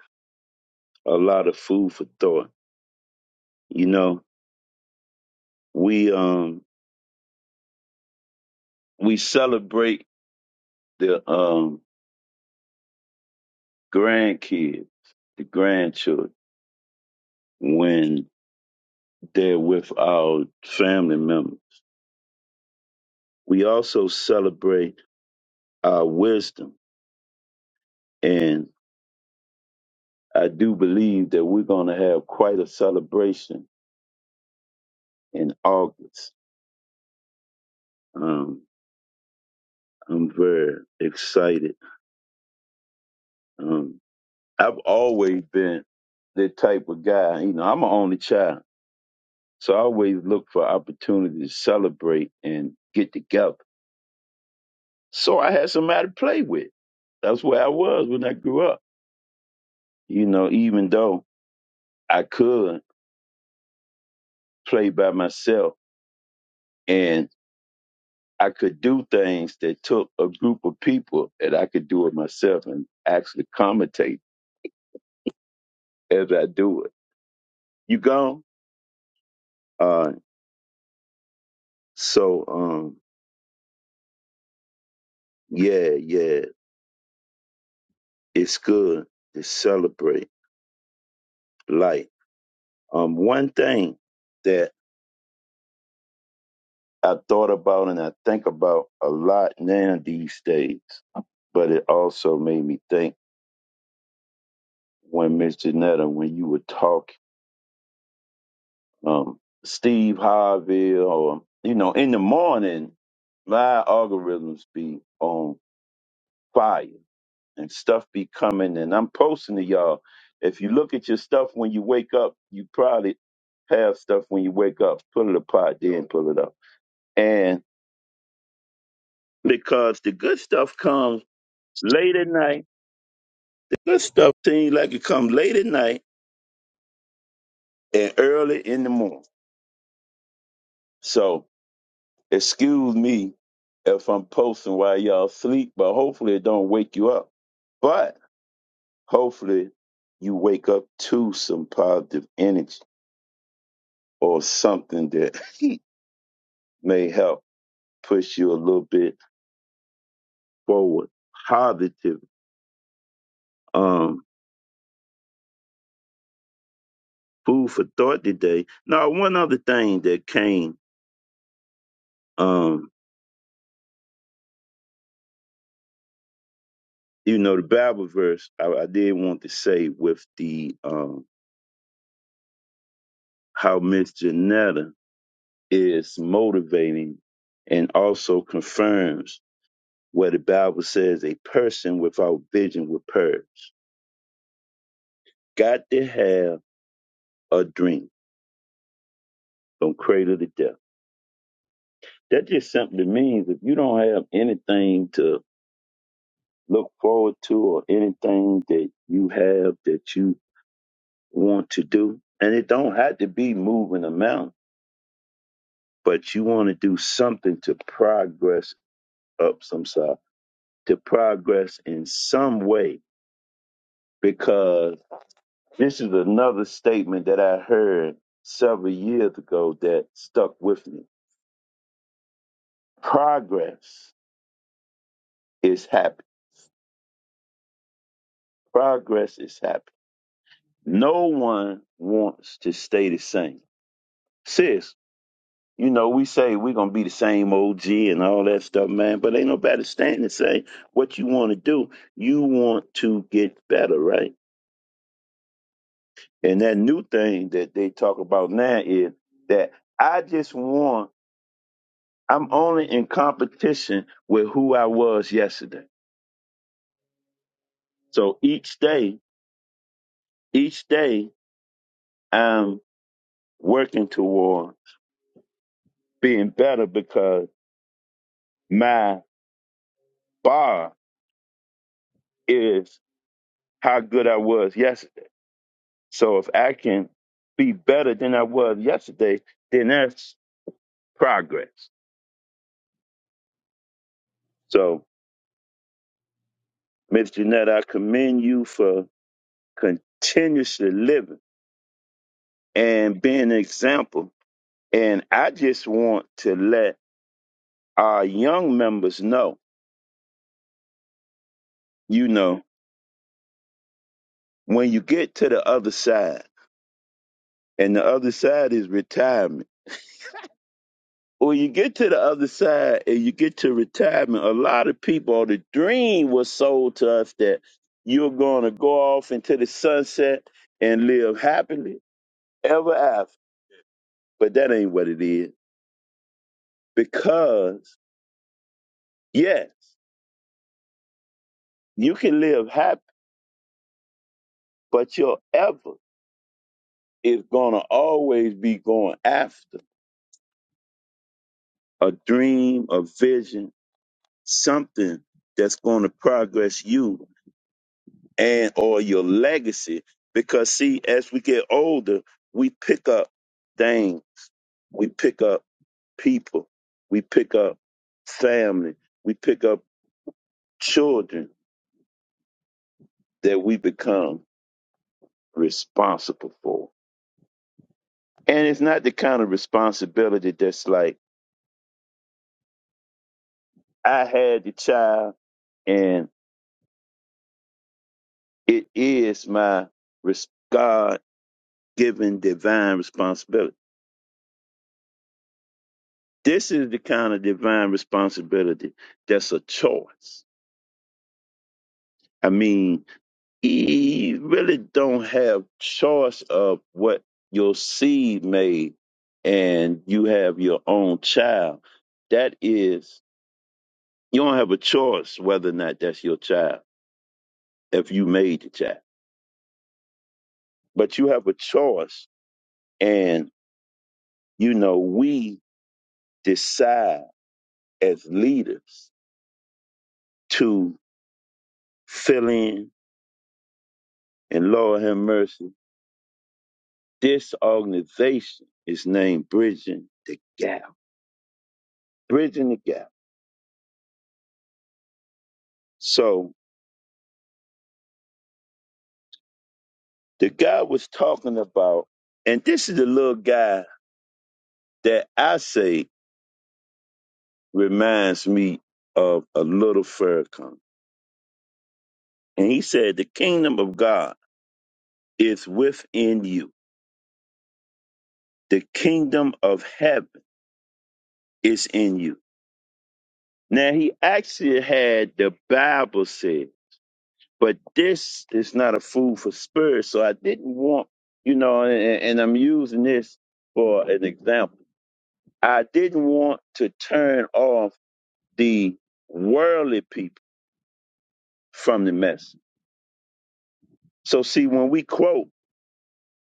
[SPEAKER 3] a lot of food for thought. You know, we um we celebrate the um grandkids, the grandchildren when they're with our family members. We also celebrate our wisdom, and I do believe that we're going to have quite a celebration in August. Um, I'm very excited Um, I've always been that type of guy. You know, I'm an only child, so I always look for opportunities to celebrate and get together. So I had somebody to play with. That's where I was when I grew up. You know, even though I could play by myself and I could do things that took a group of people that I could do it myself and actually commentate as I do it. You gone? Uh, so, um, yeah, yeah. it's good to celebrate life. Um, one thing that I thought about and I think about a lot now these days, but it also made me think when Miss Janetta, when you were talking, um, Steve Harvey, or you know, in the morning, my algorithms be on fire and stuff be coming and I'm posting to y'all. If you look at your stuff when you wake up, you probably have stuff when you wake up. Pull it apart, then pull it up. And because the good stuff comes late at night, the good stuff seems like it comes late at night and early in the morning. So excuse me if I'm posting while y'all sleep, but hopefully it don't wake you up. But hopefully you wake up to some positive energy or something that may help push you a little bit forward. Positive um, food for thought today. Now, one other thing that came, um, you know, the Bible verse I, I did want to say with the um, how Miss Janetta is motivating and also confirms where the Bible says a person without vision will perish. Got to have a dream from cradle to death. That just simply means if you don't have anything to look forward to or anything that you have that you want to do. And it don't have to be moving a mountain, but you want to do something to progress up some side, to progress in some way. Because this is another statement that I heard several years ago that stuck with me. Progress is happy. Progress is happy. No one wants to stay the same. Seriously. you know, we say we're gonna be the same OG and all that stuff, man. But ain't nobody standing to say what you want to do. You want to get better, right? And that new thing that they talk about now is that I just want. I'm only in competition with who I was yesterday. So each day, each day, I'm working toward being better because my bar is how good I was yesterday. So if I can be better than I was yesterday, then that's progress. So, Miss Jeanette, I commend you for continuously living and being an example. And I just want to let our young members know, you know, when you get to the other side, and the other side is retirement when you get to the other side and you get to retirement, a lot of people, the dream was sold to us that you're going to go off into the sunset and live happily ever after. But that ain't what it is. Because, yes, you can live happy, but your ever is going to always be going after a dream, a vision, something that's going to progress you and or your legacy because see as we get older we pick up things we pick up people we pick up family we pick up children that we become responsible for and it's not the kind of responsibility that's like i had the child and it is my res- god-given divine responsibility this is the kind of divine responsibility that's a choice I mean, you really don't have choice of what your seed made, and you have your own child. That is, you don't have a choice whether or not that's your child if you made the child, but you have a choice, and you know we decide as leaders to fill in. And Lord have mercy, this organization is named Bridging the Gap. Bridging the Gap So the guy was talking about, and this is the little guy that I say reminds me of a little Farrakhan. And he said, The kingdom of God is within you, the kingdom of heaven is in you. Now, he actually had the Bible said, but this is not a food for spirit. So I didn't want, you know, and, and I'm using this for an example. I didn't want to turn off the worldly people from the message. So see, when we quote,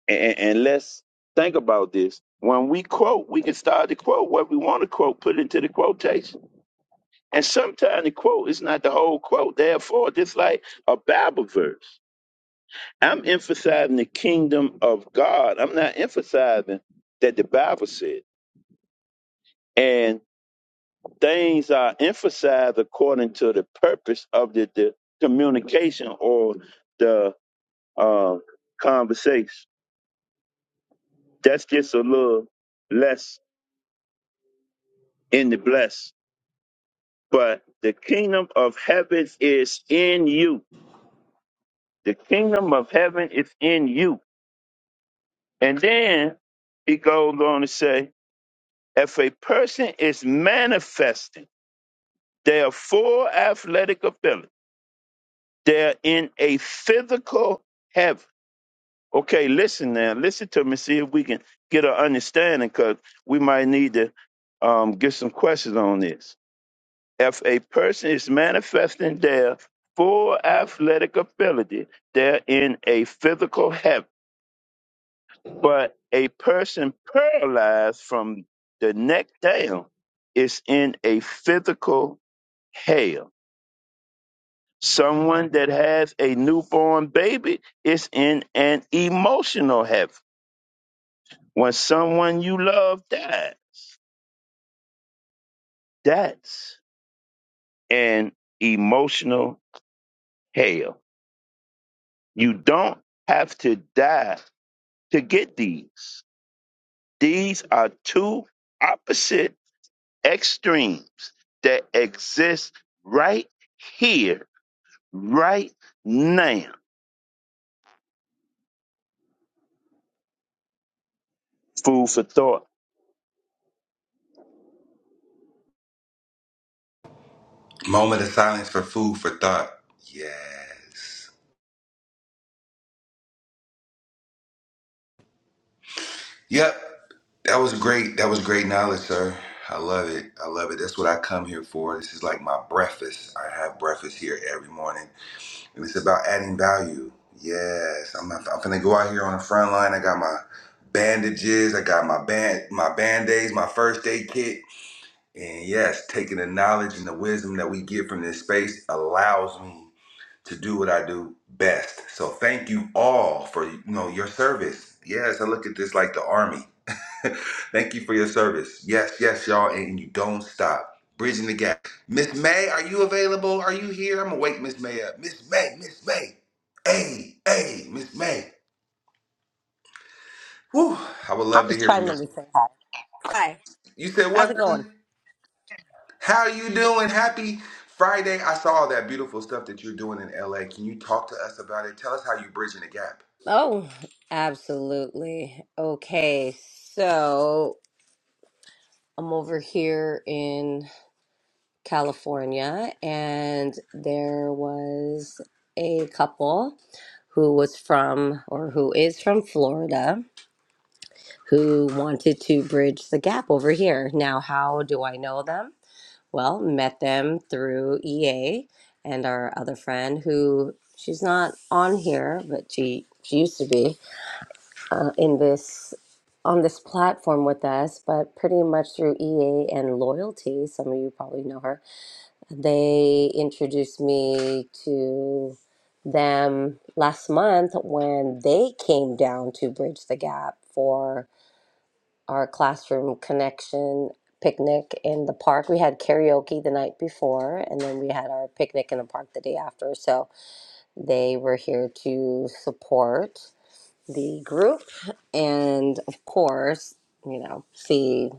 [SPEAKER 3] and, and let's think about this. When we quote, we can start to quote what we want to quote, put it into the quotation. And sometimes the quote is not the whole quote. Therefore, just like a Bible verse, I'm emphasizing the kingdom of God. I'm not emphasizing that the Bible said. And things are emphasized according to the purpose of the, the communication or the. uh, conversation. That's just a little less in the bless. But the kingdom of heaven is in you. The kingdom of heaven is in you. And then he goes on to say, if a person is manifesting their full athletic ability, they're in a physical heaven. Okay, listen now. Listen to me. See if we can get an understanding because we might need to um, get some questions on this If a person is manifesting their full athletic ability, they're in a physical heaven. But a person paralyzed from the neck down is in a physical hell. Someone that has a newborn baby is in an emotional heaven. When someone you love died, that's an emotional hell. You don't have to die to get these. These are two opposite extremes that exist right here, right now. Food for thought.
[SPEAKER 2] Moment of silence for food for thought. Yes. Yep. That was great. That was great knowledge, sir. I love it. I love it. That's what I come here for. This is like my breakfast. I have breakfast here every morning, and it's about adding value. Yes, I'm. I'm finna go out here on the front line. I got my bandages. I got my band, my band aids, my first aid kit, and yes, taking the knowledge and the wisdom that we get from this space allows me to do what I do best. So thank you all for you know your service. Yes, I look at this like the army. Thank you for your service. Yes, yes, y'all, and you don't stop. Bridging the gap. Miss May, are you available? Are you here? I'm gonna wake Miss May up. Miss May, Miss May. Hey, hey, Miss May. Whew, I would
[SPEAKER 6] I'll
[SPEAKER 2] love to
[SPEAKER 6] just
[SPEAKER 2] hear from
[SPEAKER 6] chime
[SPEAKER 2] you.
[SPEAKER 6] in to say hi. Hi,
[SPEAKER 2] You said
[SPEAKER 6] how's
[SPEAKER 2] what,
[SPEAKER 6] it going?
[SPEAKER 2] honey? How are you doing? Happy Friday. I saw all that beautiful stuff that you're doing in LA. Can you talk to us about it? Tell us how you're bridging the gap.
[SPEAKER 6] Oh, absolutely. Okay, so I'm over here in California, and there was a couple who was from or who is from Florida who wanted to bridge the gap over here. Now, how do I know them? Well, met them through EA and our other friend who she's not on here, but she she used to be uh, in this on this platform with us, but pretty much through EA and Loyalty, some of you probably know her. They introduced me to them last month when they came down to Bridge the Gap for our classroom connection picnic in the park. We had karaoke the night before, and then we had our picnic in the park the day after. So they were here to support the group, and of course, you know, see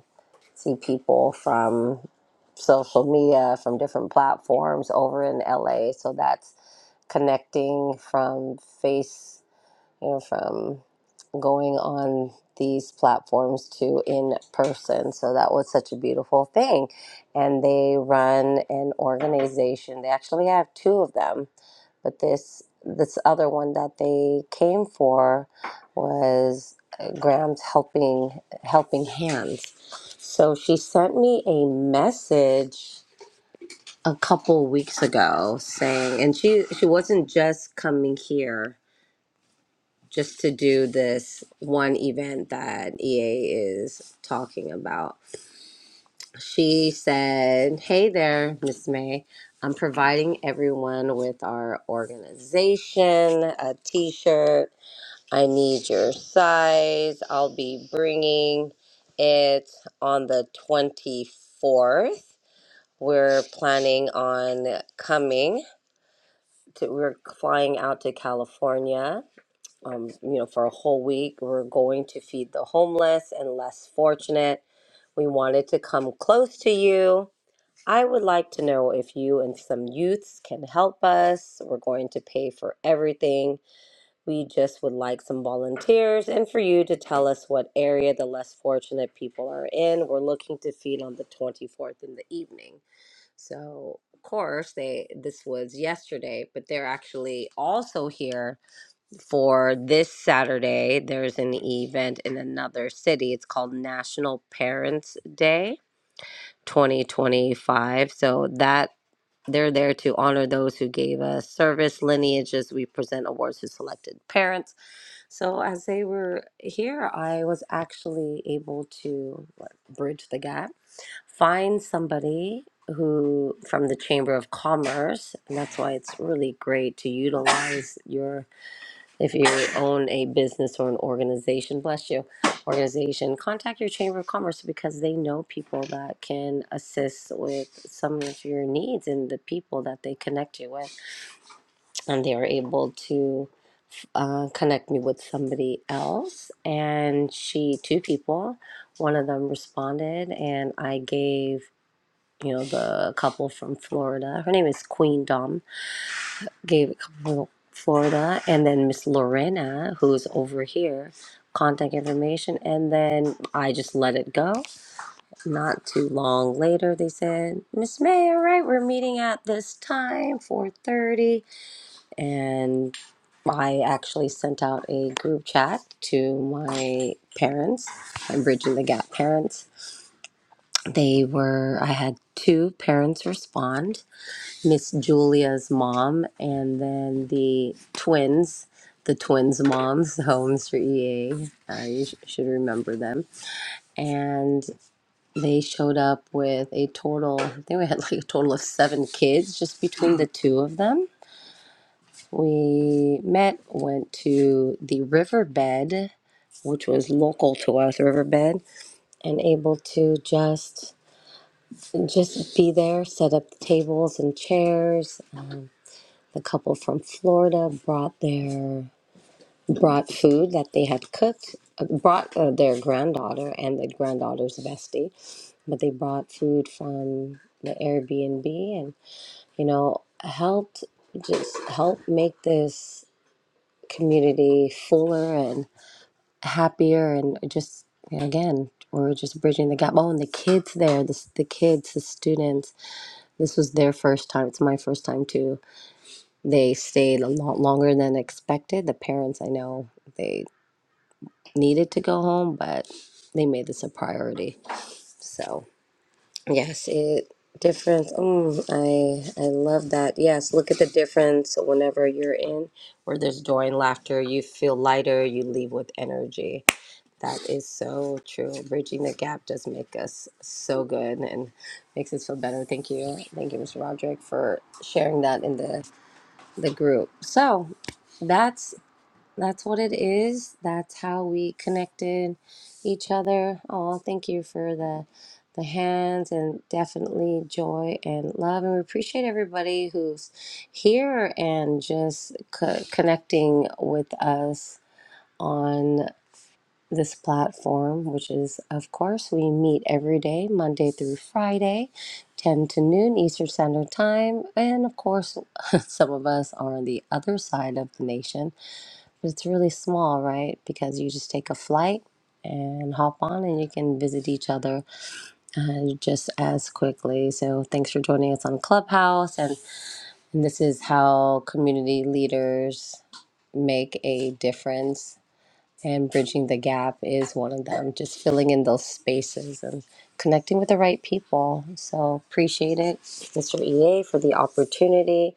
[SPEAKER 6] see people from social media from different platforms over in LA. So that's connecting from face, you know, from going on these platforms to in person. So that was such a beautiful thing. And they run an organization. They actually have two of them, but this this other one that they came for was uh, Graham's helping helping hands. So she sent me a message a couple weeks ago saying and she she wasn't just coming here just to do this one event that EA is talking about. She said, Hey there, Miss May. I'm providing everyone with our organization, a t shirt. I need your size. I'll be bringing it on the 24th. We're planning on coming. To, we're flying out to California um, you know, for a whole week. We're going to feed the homeless and less fortunate. We wanted to come close to you. I would like to know if you and some youths can help us. We're going to pay for everything. We just would like some volunteers and for you to tell us what area the less fortunate people are in. We're looking to feed on the 24th in the evening. So, of course, they this was yesterday, but they're actually also here for this Saturday. There's an event in another city. It's called National Parents Day 2025. So that they're there to honor those who gave us service lineages. We present awards to selected parents. So as they were here, I was actually able to what, bridge the gap, find somebody who from the Chamber of Commerce. And that's why it's really great to utilize your if you own a business or an organization, bless you, organization, contact your Chamber of Commerce because they know people that can assist with some of your needs and the people that they connect you with. And they are able to uh, connect me with somebody else. And she, two people, one of them responded, and I gave, you know, the couple from Florida, her name is Queen Dom gave it from Florida, and then Miss Lorena, who's over here, contact information, and then I just let it go. Not too long later, they said, Miss May, all right, we're meeting at this time, four thirty, and I actually sent out a group chat to my parents, my Bridging the Gap parents. They were, I had two parents respond Miss Julia's mom, and then the twins, the twins' moms, homes for EA. Uh, you sh- should remember them. And they showed up with a total, I think we had like a total of seven kids just between the two of them. We met, went to the riverbed, which was local to us, riverbed, and able to just just be there, set up the tables and chairs, The couple from Florida brought their brought food that they had cooked, uh, brought uh, their granddaughter and the granddaughter's bestie, but they brought food from the Airbnb and you know helped just help make this community fuller and happier and just again we're just bridging the gap. Oh, and the kids there, the the kids, the students. This was their first time. It's my first time too They stayed a lot longer than expected. The parents, I know, they needed to go home, but they made this a priority. So, yes, it difference. Mm, I I love that. Yes, look at the difference whenever you're in where there's joy and laughter, you feel lighter, you leave with energy. That is so true. Bridging the gap does make us so good and makes us feel better. Thank you. Thank you, Mr. Roderick, for sharing that in the, the group. So, that's That's what it is. That's how we connected each other. Oh, thank you for the the hands and definitely joy and love. And we appreciate everybody who's here and just co- connecting with us on this platform, which is, of course, we meet every day, Monday through Friday, 10 to noon Eastern Standard Time. And of course, some of us are on the other side of the nation but It's really small, right? Because you just take a flight and hop on and you can visit each other uh, just as quickly. So, thanks for joining us on Clubhouse. And, and this is how community leaders make a difference. And bridging the gap is one of them, just filling in those spaces and connecting with the right people. So, appreciate it, Mr. EA, for the opportunity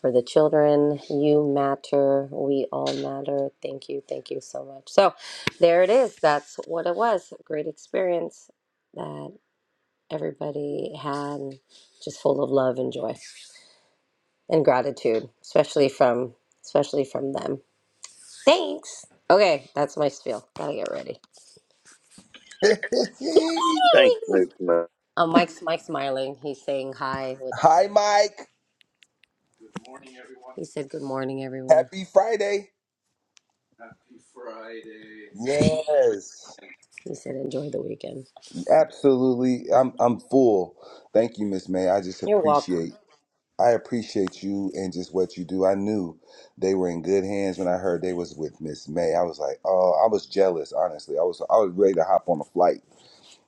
[SPEAKER 6] for the children. You matter. We all matter. Thank you. Thank you so much. So there it is. That's what it was. A great experience that everybody had just full of love and joy and gratitude, especially from especially from them. Thanks. Okay, that's my spiel. Gotta get ready.
[SPEAKER 2] Yay.
[SPEAKER 3] Thanks,
[SPEAKER 6] Yay!
[SPEAKER 3] man.
[SPEAKER 6] Uh, Mike's Mike's smiling. He's saying hi without
[SPEAKER 2] Hi,
[SPEAKER 6] saying. Hi.
[SPEAKER 2] Mike.
[SPEAKER 6] He said good morning, everyone.
[SPEAKER 2] Happy Friday. Yes.
[SPEAKER 6] He said enjoy the weekend.
[SPEAKER 2] Absolutely. I'm I'm full. Thank you, Miss May. I just appreciate I appreciate you and just what you do. I knew they were in good hands when I heard they was with Miss May. I was like, oh, I was jealous, honestly. I was I was ready to hop on a flight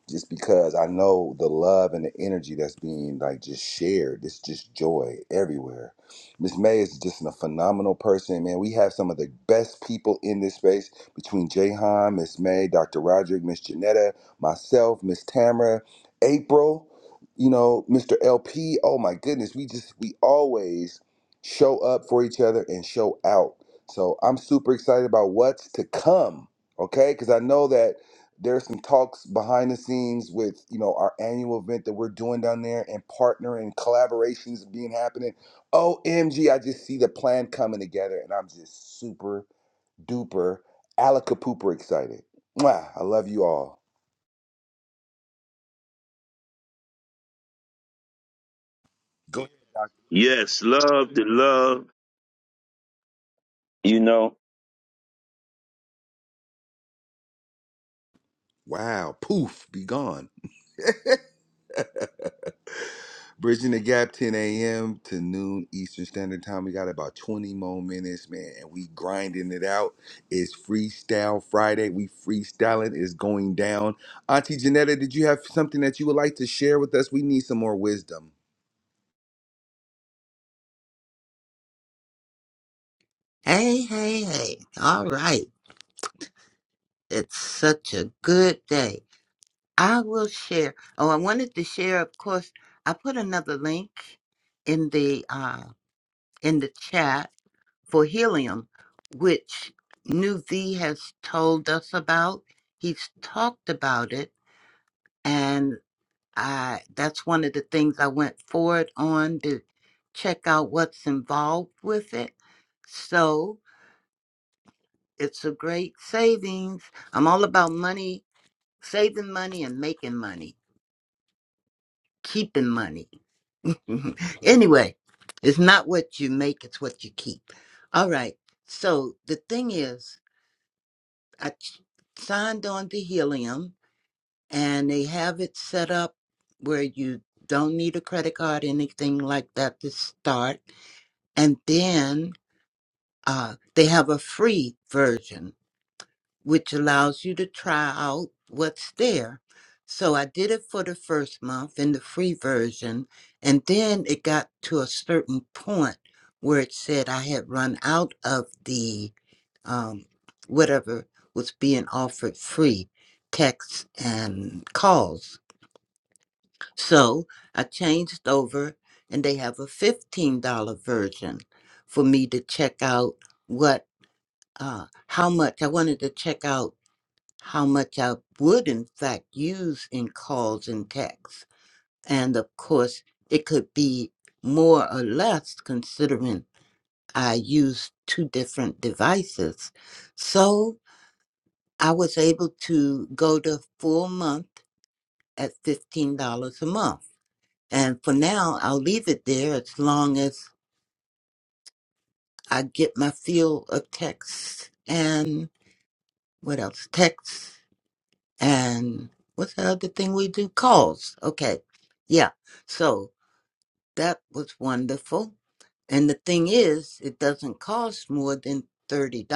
[SPEAKER 2] just because I know the love and the energy that's being like just shared. It's just joy everywhere. Miss May is just a phenomenal person, man. We have some of the best people in this space between Jahan, Miss May, Dr. Roderick, Miss Janetta, myself, Miss Tamara, April, you know, Mr. LP. Oh my goodness, we just we always show up for each other and show out. So I'm super excited about what's to come. Okay, because I know that there's some talks behind the scenes with you know our annual event that we're doing down there and partnering collaborations being happening omg i just see the plan coming together and i'm just super duper alaka pooper excited Mwah, i love you all go ahead doc.
[SPEAKER 3] Yes, love to love. You know,
[SPEAKER 2] wow poof be gone Bridging the gap, 10 a.m. to noon Eastern Standard Time. We got about 20 more minutes, man, and we grinding it out. It's Freestyle Friday. We freestyling is going down. Auntie Janetta, did you have something that you would like to share with us? We need some more wisdom.
[SPEAKER 5] hey, hey. All right. It's such a good day. I will share. Oh, I wanted to share, of course, I put another link in the uh in the chat for helium, which New V has told us about. He's talked about it and I that's one of the things I went forward on to check out what's involved with it. So. It's a great savings. I'm all about money, saving money and making money, keeping money. anyway, it's not what you make, it's what you keep. All right. So the thing is, I ch- signed on to Helium and they have it set up where you don't need a credit card, anything like that to start. And then uh, they have a free version which allows you to try out what's there. So I did it for the first month in the free version, and then it got to a certain point where it said I had run out of the um, whatever was being offered free texts and calls. So I changed over, and they have a $15 version for me to check out what, uh, how much I wanted to check out how much I would, in fact, use in calls and texts. And of course, it could be more or less considering I use two different devices. So I was able to go to full month at $15 a month. And for now, I'll leave it there as long as I get my feel of text and what else? Text And what's the other thing we do? Calls. Okay. Yeah. So that was wonderful. And the thing is, it doesn't cost more than $30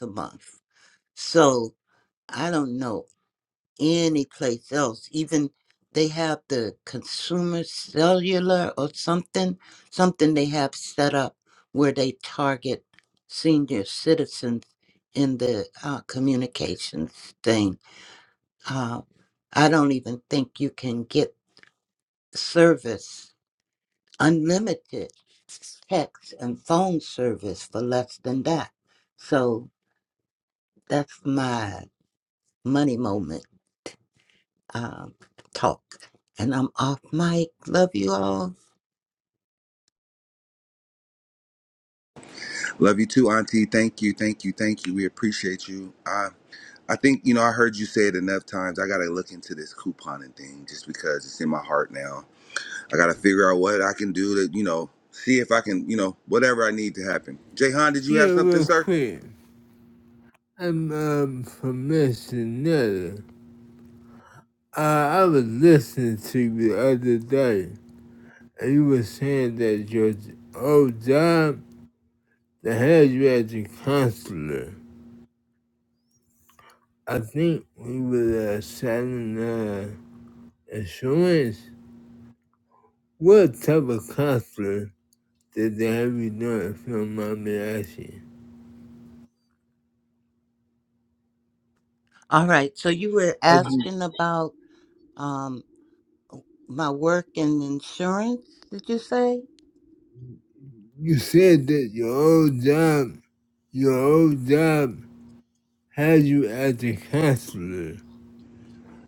[SPEAKER 5] a month. So I don't know any place else. Even they have the consumer cellular or something, something they have set up where they target senior citizens in the uh, communications thing uh, I don't even think you can get service, unlimited text and phone service for less than that. So that's my money moment um, talk. And I'm off mic. Love you all.
[SPEAKER 2] Love you too, Auntie. Thank you, thank you, thank you. We appreciate you. I I think you know I heard you say it enough times. I gotta look into this couponing thing just because it's in my heart now I got to figure out what I can do to, you know, see if I can, you know, whatever I need to happen. Jahan, did you
[SPEAKER 4] Yeah,
[SPEAKER 2] have something,
[SPEAKER 4] real
[SPEAKER 2] sir?
[SPEAKER 4] quick. I'm um, from Missionary. Uh, I was listening to you the other day, and you were saying that your old job they had you as a counselor. I think we were uh, selling uh, insurance. What type of counselor did they have you doing, if you don't mind me asking?
[SPEAKER 5] All right. So you were
[SPEAKER 4] But you
[SPEAKER 5] asking about um, my work in insurance, did you say?
[SPEAKER 4] you said that your old job, your old job had you as a counselor.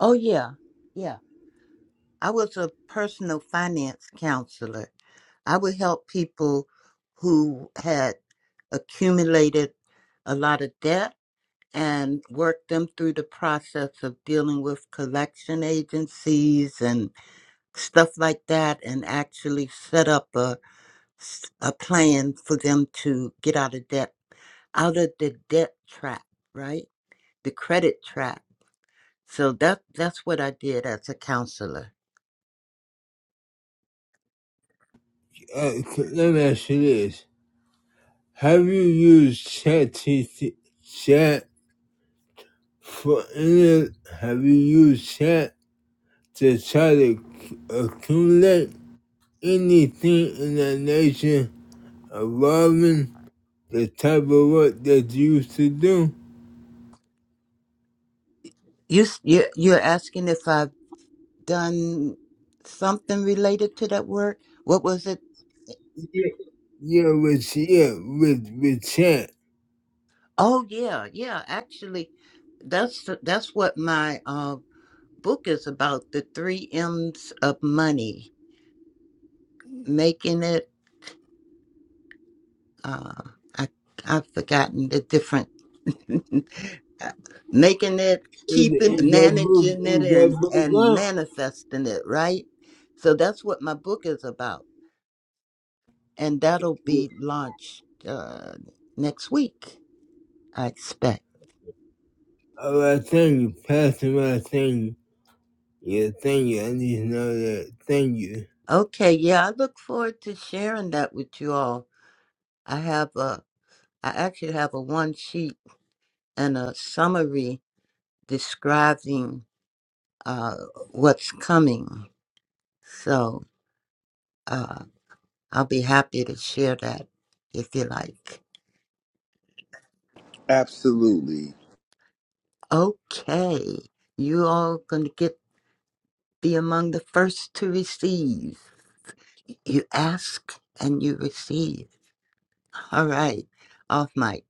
[SPEAKER 5] Oh, yeah. Yeah. I was a personal finance counselor. I would help people who had accumulated a lot of debt and work them through the process of dealing with collection agencies and stuff like that and actually set up a, a plan for them to get out of debt out of the debt trap, right? The credit trap. So that that's what I did as a counselor.
[SPEAKER 4] Uh, c- let me ask you this. Have you used ChatGPT Chat for any? Have you used Chat to try to accumulate anything in the nation involving the type of work that you used to do?
[SPEAKER 5] You s- you- you're asking if I've done something related to that word? What was it?
[SPEAKER 4] Yeah, yeah, with yeah, with with Chat.
[SPEAKER 5] Oh yeah, yeah. Actually, that's th- that's what my uh, book is about: the three M's of money, making it. Uh, I I've forgotten the different making it,
[SPEAKER 4] Is, is
[SPEAKER 5] keeping,
[SPEAKER 4] that book?
[SPEAKER 5] managing it,
[SPEAKER 4] Is
[SPEAKER 5] and
[SPEAKER 4] that book
[SPEAKER 5] and
[SPEAKER 4] out?
[SPEAKER 5] manifesting it. Right. So that's what my book is about. and that'll
[SPEAKER 4] Yeah.
[SPEAKER 5] be launched uh, next week, I expect.
[SPEAKER 4] All right, thank you, Pastor. Right, thank you. Yeah, thank you. I need to know that. Thank you.
[SPEAKER 5] Okay, yeah, I look forward to sharing that with you all. I have a, I actually have a one sheet and a summary describing uh, what's coming. So uh, I'll be happy to share that if you like.
[SPEAKER 2] Absolutely.
[SPEAKER 5] Okay, you all gonna get be among the first to receive. You ask and you receive. All right. Off mic.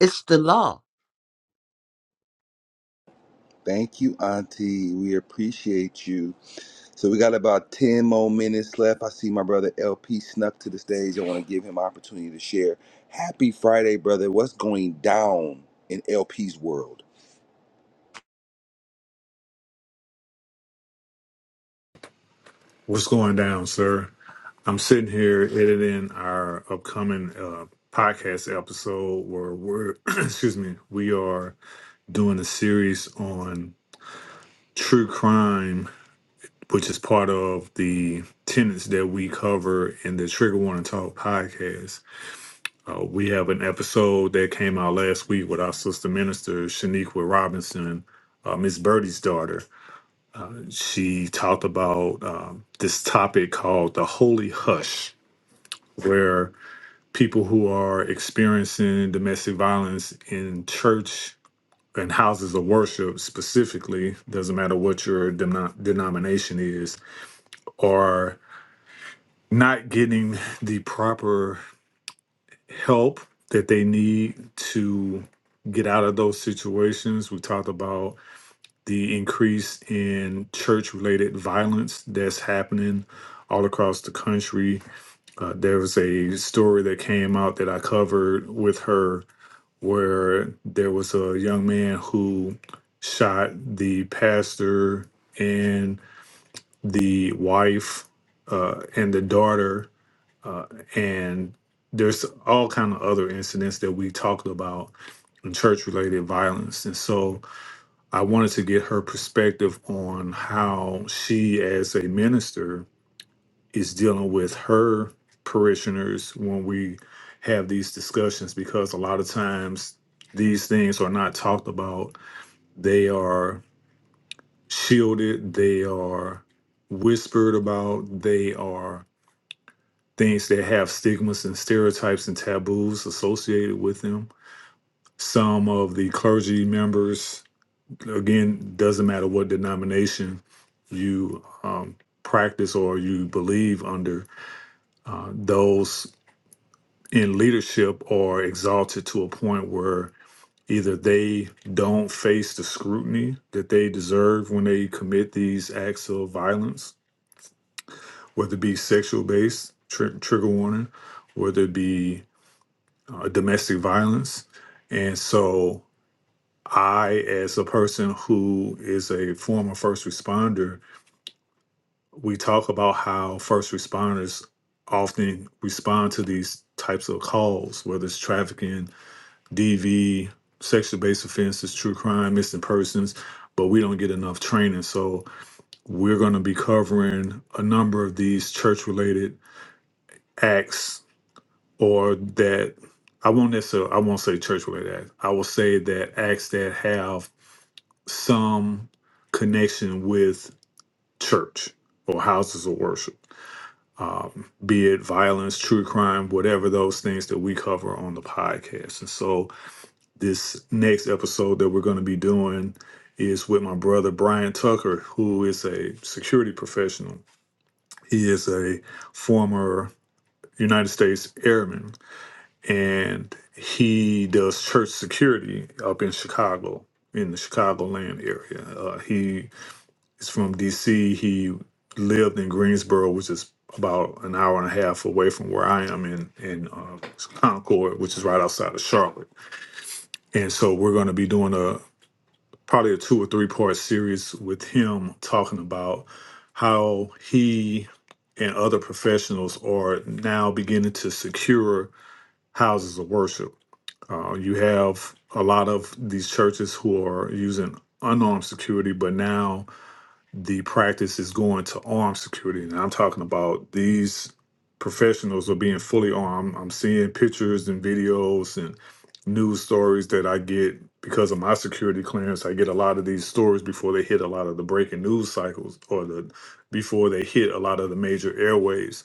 [SPEAKER 5] It's the law.
[SPEAKER 2] Thank you, Auntie. We appreciate you. So we got about 10 more minutes left. I see my brother LP snuck to the stage. I want to give him opportunity to share. Happy Friday, brother. What's going down in LP's world?
[SPEAKER 7] What's going down, sir? I'm sitting here editing our upcoming uh, podcast episode where we're, excuse me, we are doing a series on true crime, which is part of the tenets that we cover in the Trigger Warning Talk podcast. Uh, we have an episode that came out last week with our sister minister, Shaniqua Robinson, uh, Miss Birdie's daughter. She talked about um, this topic called the holy hush where people who are experiencing domestic violence in church and houses of worship specifically, doesn't matter what your denom- denomination is, are not getting the proper help that they need to get out of those situations. We talked about the increase in church related violence that's happening all across the country. Uh, there was a story that came out that I covered with her where there was a young man who shot the pastor and the wife uh, and the daughter and there's all kind of other incidents that we talked about in church related violence and so i wanted to get her perspective on how she as a minister is dealing with her parishioners when we have these discussions because a lot of times these things are not talked about. They are shielded, they are whispered about, they are things that have stigmas and stereotypes and taboos associated with them. Some of the clergy members, again, doesn't matter what denomination you um, practice or you believe under, uh, those in leadership are exalted to a point where either they don't face the scrutiny that they deserve when they commit these acts of violence, whether it be sexual based, tr- trigger warning, whether it be uh, domestic violence. And so, I, as a person who is a former first responder, we talk about how first responders often respond to these types of calls, whether it's trafficking DV, sexual based offenses, true crime, missing persons, but we don't get enough training. So we're going to be covering a number of these church related acts or that I won't necessarily, I won't say church related acts. I will say that acts that have some connection with church or houses of worship, um, be it violence, true crime, whatever those things that we cover on the podcast. And so, this next episode that we're going to be doing is with my brother Brian Tucker, who is a security professional. He is a former United States airman and he does church security up in Chicago, in the Chicagoland area. Uh, he is from DC. He lived in Greensboro, which is about an hour and a half away from where I am in in uh, Concord, which is right outside of Charlotte. And so we're going to be doing a, probably a two or three part series with him talking about how he and other professionals are now beginning to secure houses of worship. Uh, you have a lot of these churches who are using unarmed security, but now the practice is going to armed security. And I'm talking about these professionals are being fully armed. I'm seeing pictures and videos and news stories that I get because of my security clearance. I get a lot of these stories before they hit a lot of the breaking news cycles or the before they hit a lot of the major airwaves.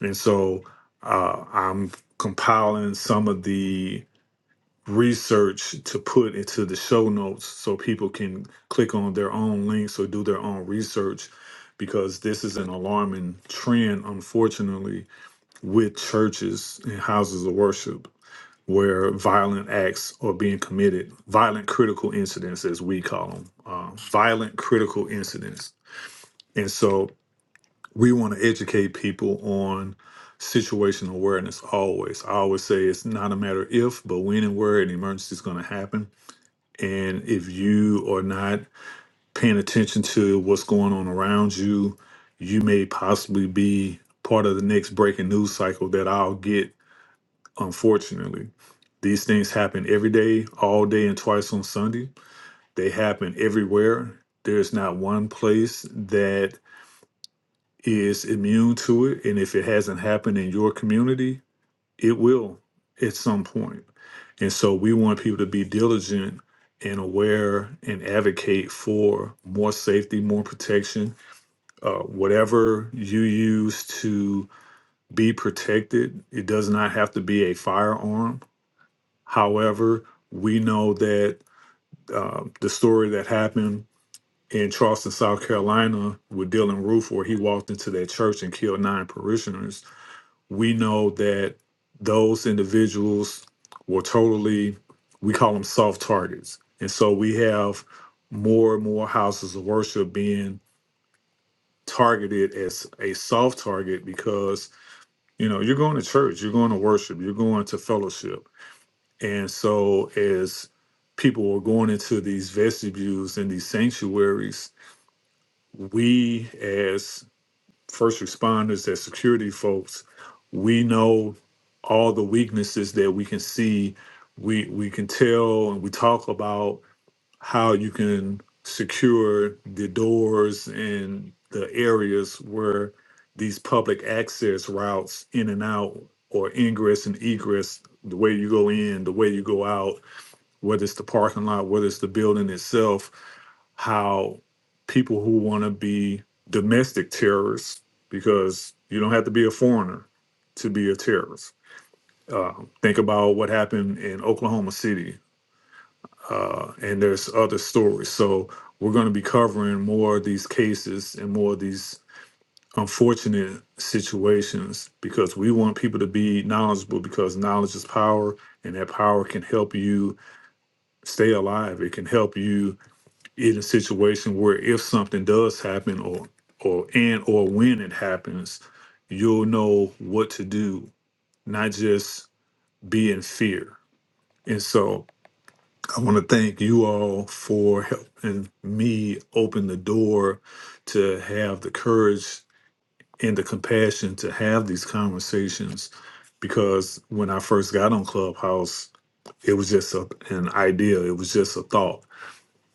[SPEAKER 7] And so uh, I'm compiling some of the research to put into the show notes so people can click on their own links or do their own research because this is an alarming trend, unfortunately, with churches and houses of worship where violent acts are being committed, violent critical incidents, as we call them, uh, violent critical incidents. And so we want to educate people on situational awareness always. I always say it's not a matter if, but when and where an emergency is going to happen and if you are not paying attention to what's going on around you, you may possibly be part of the next breaking news cycle that I'll get, unfortunately. These things happen every day, all day, and twice on Sunday. They happen everywhere. There's not one place that is immune to it. And if it hasn't happened in your community, it will at some point. And so we want people to be diligent and aware and advocate for more safety, more protection. Uh, whatever you use to be protected, it does not have to be a firearm. However, we know that uh, the story that happened in Charleston, South Carolina, with Dylan Roof, where he walked into that church and killed nine parishioners we know that those individuals were totally, we call them soft targets. And so we have more and more houses of worship being targeted as a soft target because, you know, you're going to church, you're going to worship, you're going to fellowship. And so as people are going into these vestibules and these sanctuaries, we as first responders, their security folks, we know all the weaknesses that we can see. We we can tell and we talk about how you can secure the doors and the areas where these public access routes in and out or ingress and egress, the way you go in, the way you go out, whether it's the parking lot, whether it's the building itself, how people who want to be domestic terrorists, because you don't have to be a foreigner to be a terrorist. Uh, think about what happened in Oklahoma City, uh, and there's other stories. So we're going to be covering more of these cases and more of these unfortunate situations because we want people to be knowledgeable because knowledge is power and that power can help you stay alive. It can help you in a situation where if something does happen or or and or when it happens, you'll know what to do, not just be in fear. And so I want to thank you all for helping me open the door to have the courage and the compassion to have these conversations because when I first got on Clubhouse, it was just a, an idea, it was just a thought.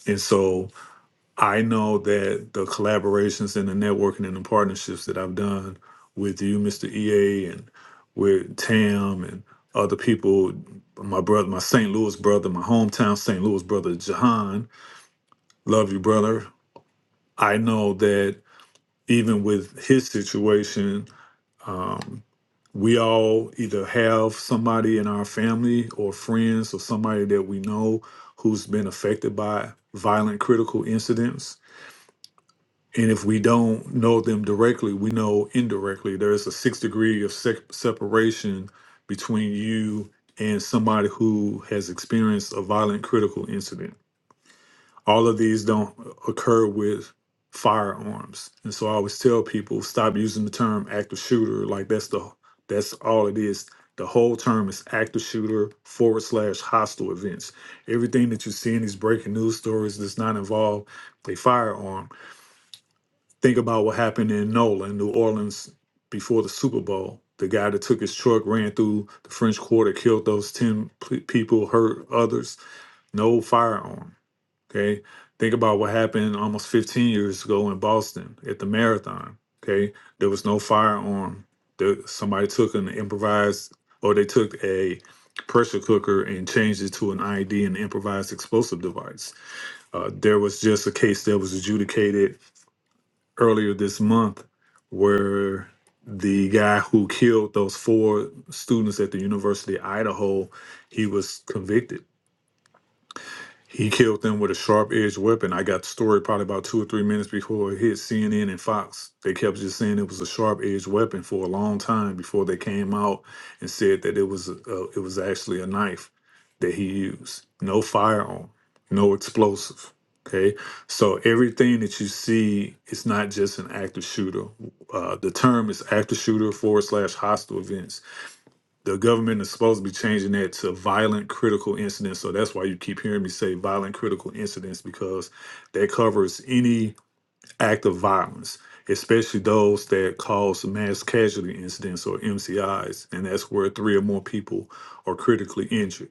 [SPEAKER 7] And so I know that the collaborations and the networking and the partnerships that I've done with you, Mr. EA, and with Tam and other people, my brother, my St. Louis brother, my hometown St. Louis brother, Jahan, love you, brother. I know that even with his situation, we all either have somebody in our family or friends or somebody that we know who's been affected by violent critical incidents And if we don't know them directly, we know indirectly. There is a six degree of se- separation between you and somebody who has experienced a violent critical incident. All of these don't occur with firearms. And so I always tell people stop using the term active shooter. Like that's the that's all it is. The whole term is active shooter forward slash hostile events. Everything that you see in these breaking news stories does not involve a firearm Think about what happened in Nola, in New Orleans, before the Super Bowl. The guy that took his truck ran through the French Quarter, killed those 10 p- people, hurt others. No firearm. Okay. Think about what happened almost 15 years ago in Boston at the marathon. Okay. There was no firearm. The, somebody took an improvised, or they took a pressure cooker and changed it to an ID, an improvised explosive device. Uh, there was just a case that was adjudicated earlier this month where the guy who killed those four students at the University of Idaho, he was convicted. He killed them with a sharp edged weapon. I got the story probably about two or three minutes before it hit CNN and Fox. They kept just saying it was a sharp edged weapon for a long time before they came out and said that it was a, a, it was actually a knife that he used. No firearm, no explosive. Okay, so everything that you see is not just an active shooter. Uh, the term is active shooter forward slash hostile events the government is supposed to be changing that to violent critical incidents. So that's why you keep hearing me say violent critical incidents because that covers any act of violence, especially those that cause mass casualty incidents or MCIs. And that's where three or more people are critically injured.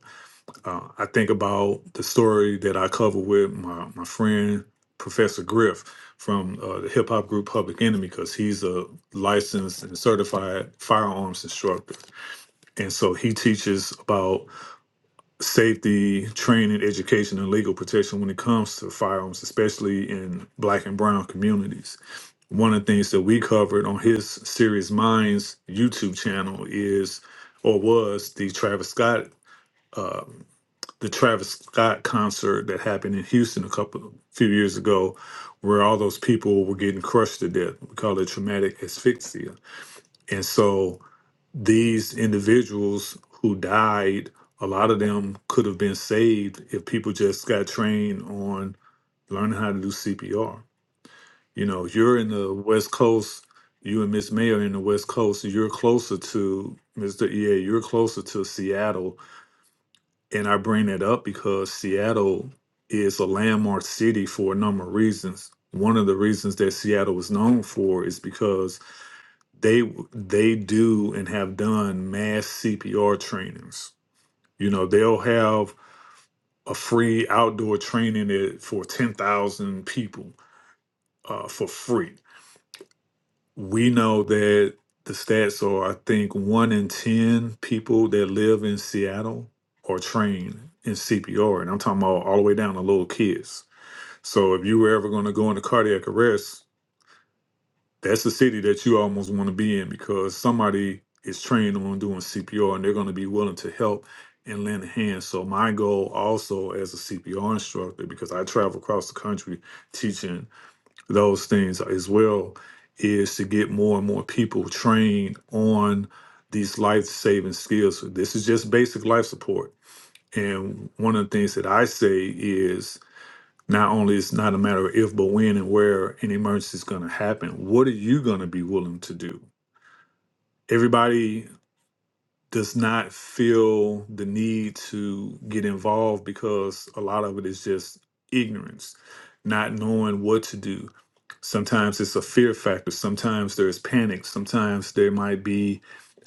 [SPEAKER 7] Uh, I think about the story that I cover with my, my friend, Professor Griff from uh, the hip hop group Public Enemy, because he's a licensed and certified firearms instructor and so he teaches about safety, training, education, and legal protection when it comes to firearms, especially in black and brown communities. One of the things that we covered on his Serious Minds YouTube channel is or was the Travis Scott uh, the Travis Scott concert that happened in Houston a couple few years ago where all those people were getting crushed to death. We call it traumatic asphyxia. And so these individuals who died, a lot of them could have been saved if people just got trained on learning how to do CPR. You know, you're in the West Coast, you and Miss May are in the West Coast, you're closer to Mr. EA, you're closer to Seattle. And I bring that up because Seattle is a landmark city for a number of reasons. One of the reasons that Seattle is known for is because they they do and have done mass CPR trainings. You know, they'll have a free outdoor training it- for 10,000 people uh, for free. We know that the stats are, I think, one in 10 people that live in Seattle are trained in CPR. And I'm talking about all the way down to little kids. So if you were ever going to go into cardiac arrest, that's a city that you almost want to be in because somebody is trained on doing CPR and they're going to be willing to help and lend a hand. So my goal also as a CPR instructor, because I travel across the country teaching those things as well, is to get more and more people trained on these life-saving skills. So this is just basic life support. And one of the things that I say is not only it's not a matter of if, but when and where an emergency is going to happen. What are you going to be willing to do? Everybody does not feel the need to get involved because a lot of it is just ignorance, not knowing what to do. Sometimes it's a fear factor. Sometimes there's panic. Sometimes there might be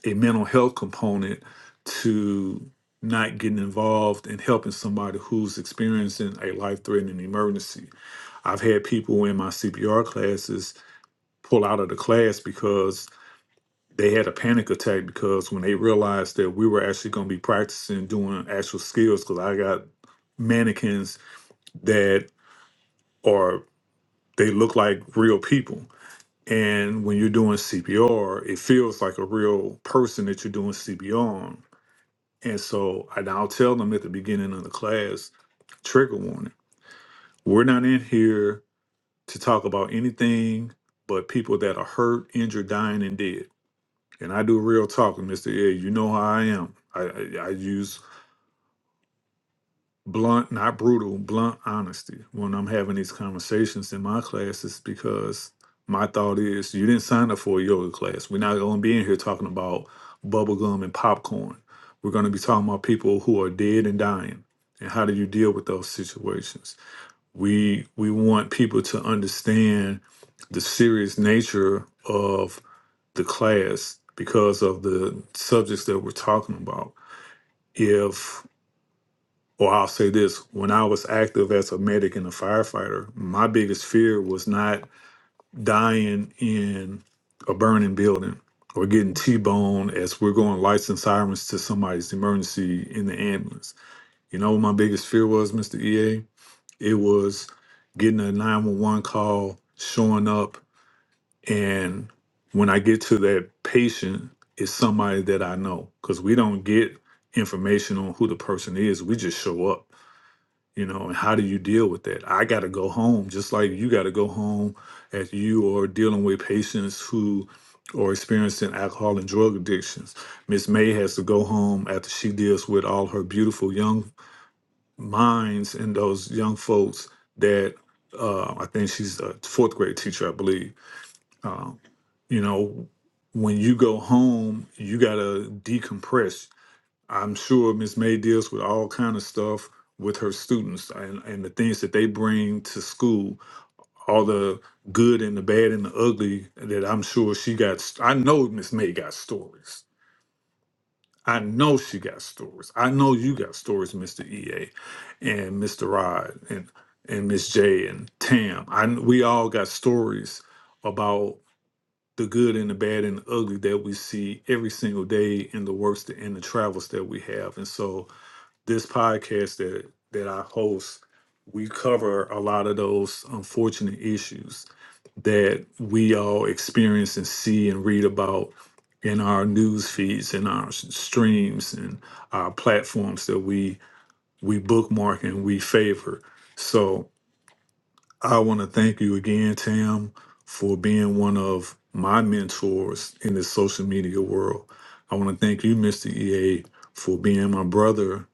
[SPEAKER 7] a mental health component to not getting involved and helping somebody who's experiencing a life threatening emergency. I've had people in my CPR classes pull out of the class because they had a panic attack because when they realized that we were actually going to be practicing doing actual skills, because I got mannequins that are, they look like real people. And when you're doing CPR, it feels like a real person that you're doing CPR on. And so I now tell them at the beginning of the class, trigger warning. We're not in here to talk about anything but people that are hurt, injured, dying, and dead. And I do real talking, Mister A. You know how I am. I, I I use blunt, not brutal, blunt honesty when I'm having these conversations in my classes because my thought is you didn't sign up for a yoga class. We're not going to be in here talking about bubblegum and popcorn. We're going to be talking about people who are dead and dying and how do you deal with those situations we we want people to understand the serious nature of the class because of the subjects that we're talking about. If or I'll say this, when I was active as a medic and a firefighter, my biggest fear was not dying in a burning building or getting T-boned as we're going lights and sirens to somebody's emergency in the ambulance. You know what my biggest fear was, Mr. EA? It was getting a 911 call, showing up, and when I get to that patient, it's somebody that I know because we don't get information on who the person is. We just show up, you know. And how do you deal with that? I got to go home, just like you got to go home as you are dealing with patients who are experiencing alcohol and drug addictions. Miss May has to go home after she deals with all her beautiful young minds in those young folks that uh, I think she's a fourth grade teacher, I believe. Um, you know, when you go home, you gotta decompress. I'm sure Miss May deals with all kind of stuff with her students and, and the things that they bring to school, all the good and the bad and the ugly that I'm sure she got. I know Miss May got stories I know she got stories. I know you got stories, Mr. EA and Mr. Rod and and Miss J and Tam. I kn- we all got stories about the good and the bad and the ugly that we see every single day in the works that- and the travels that we have. And so this podcast that that I host, we cover a lot of those unfortunate issues that we all experience and see and read about in our news feeds and our s- streams and our platforms that we we bookmark and we favor. So I want to thank you again, Tam, for being one of my mentors in this social media world. I want to thank you, Mr. EA, for being my brother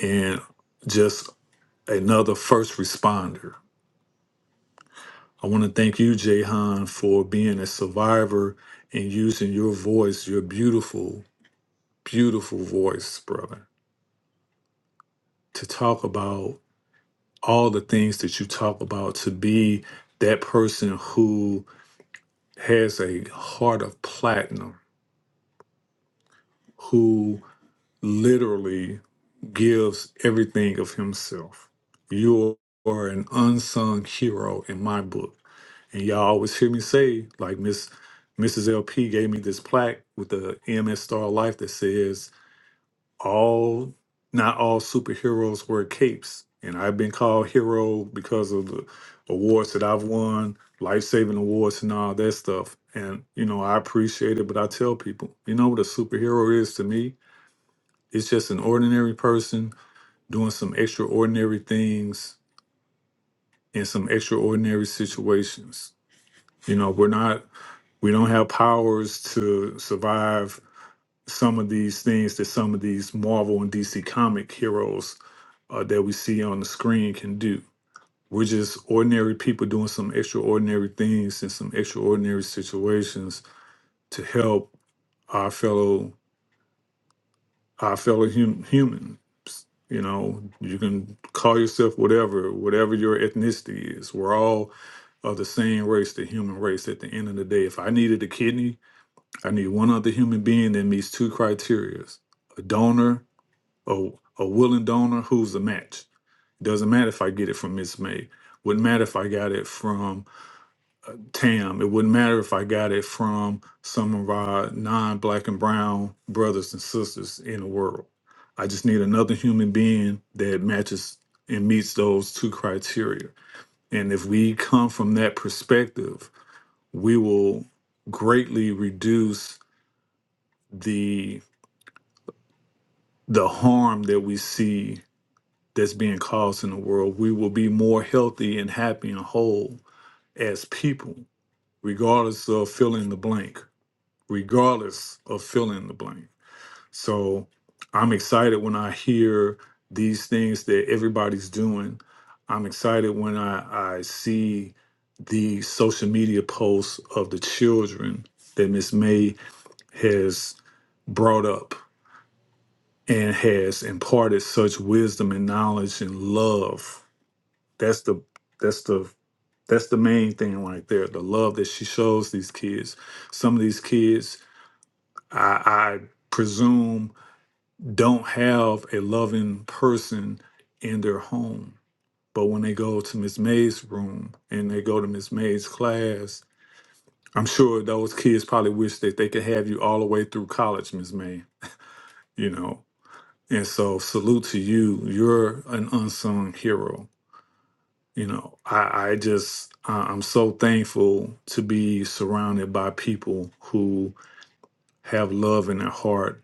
[SPEAKER 7] and just another first responder I want to thank you, Jahan, for being a survivor and using your voice, your beautiful, beautiful voice, brother, to talk about all the things that you talk about, to be that person who has a heart of platinum, who literally gives everything of himself. You are an unsung hero in my book And y'all always hear me say, like Miss Mrs. LP gave me this plaque with the EMS Star of Life that says, All not all superheroes wear capes. And I've been called hero because of the awards that I've won, life saving awards and all that stuff. And, you know, I appreciate it, but I tell people, you know what a superhero is to me? It's just an ordinary person doing some extraordinary things in some extraordinary situations. You know, we're not We don't have powers to survive some of these things that some of these Marvel and DC comic heroes uh, that we see on the screen can do. We're just ordinary people doing some extraordinary things in some extraordinary situations to help our fellow our fellow hum- humans. You know, you can call yourself whatever, whatever your ethnicity is. We're all of the same race, the human race. At the end of the day, if I needed a kidney, I need one other human being that meets two criteria a donor, a, a willing donor who's a match. It doesn't matter if I get it from Miss May. Wouldn't matter if I got it from Tam. It wouldn't matter if I got it from some of our non black and brown brothers and sisters in the world. I just need another human being that matches and meets those two criteria. And if we come from that perspective, we will greatly reduce the the harm that we see that's being caused in the world. We will be more healthy and happy and whole as people, regardless of filling the blank, regardless of filling the blank. So I'm excited when I hear these things that everybody's doing. I'm excited when I, I see the social media posts of the children that Miss May has brought up and has imparted such wisdom and knowledge and love. That's the that's the that's the main thing right there. The love that she shows these kids. Some of these kids, I, I presume, don't have a loving person in their home. But when they go to Miss May's room and they go to Miss May's class, I'm sure those kids probably wish that they could have you all the way through college, Miss May. You know, And so salute to you. You're an unsung hero. You know, I, I just I- I'm so thankful to be surrounded by people who have love in their heart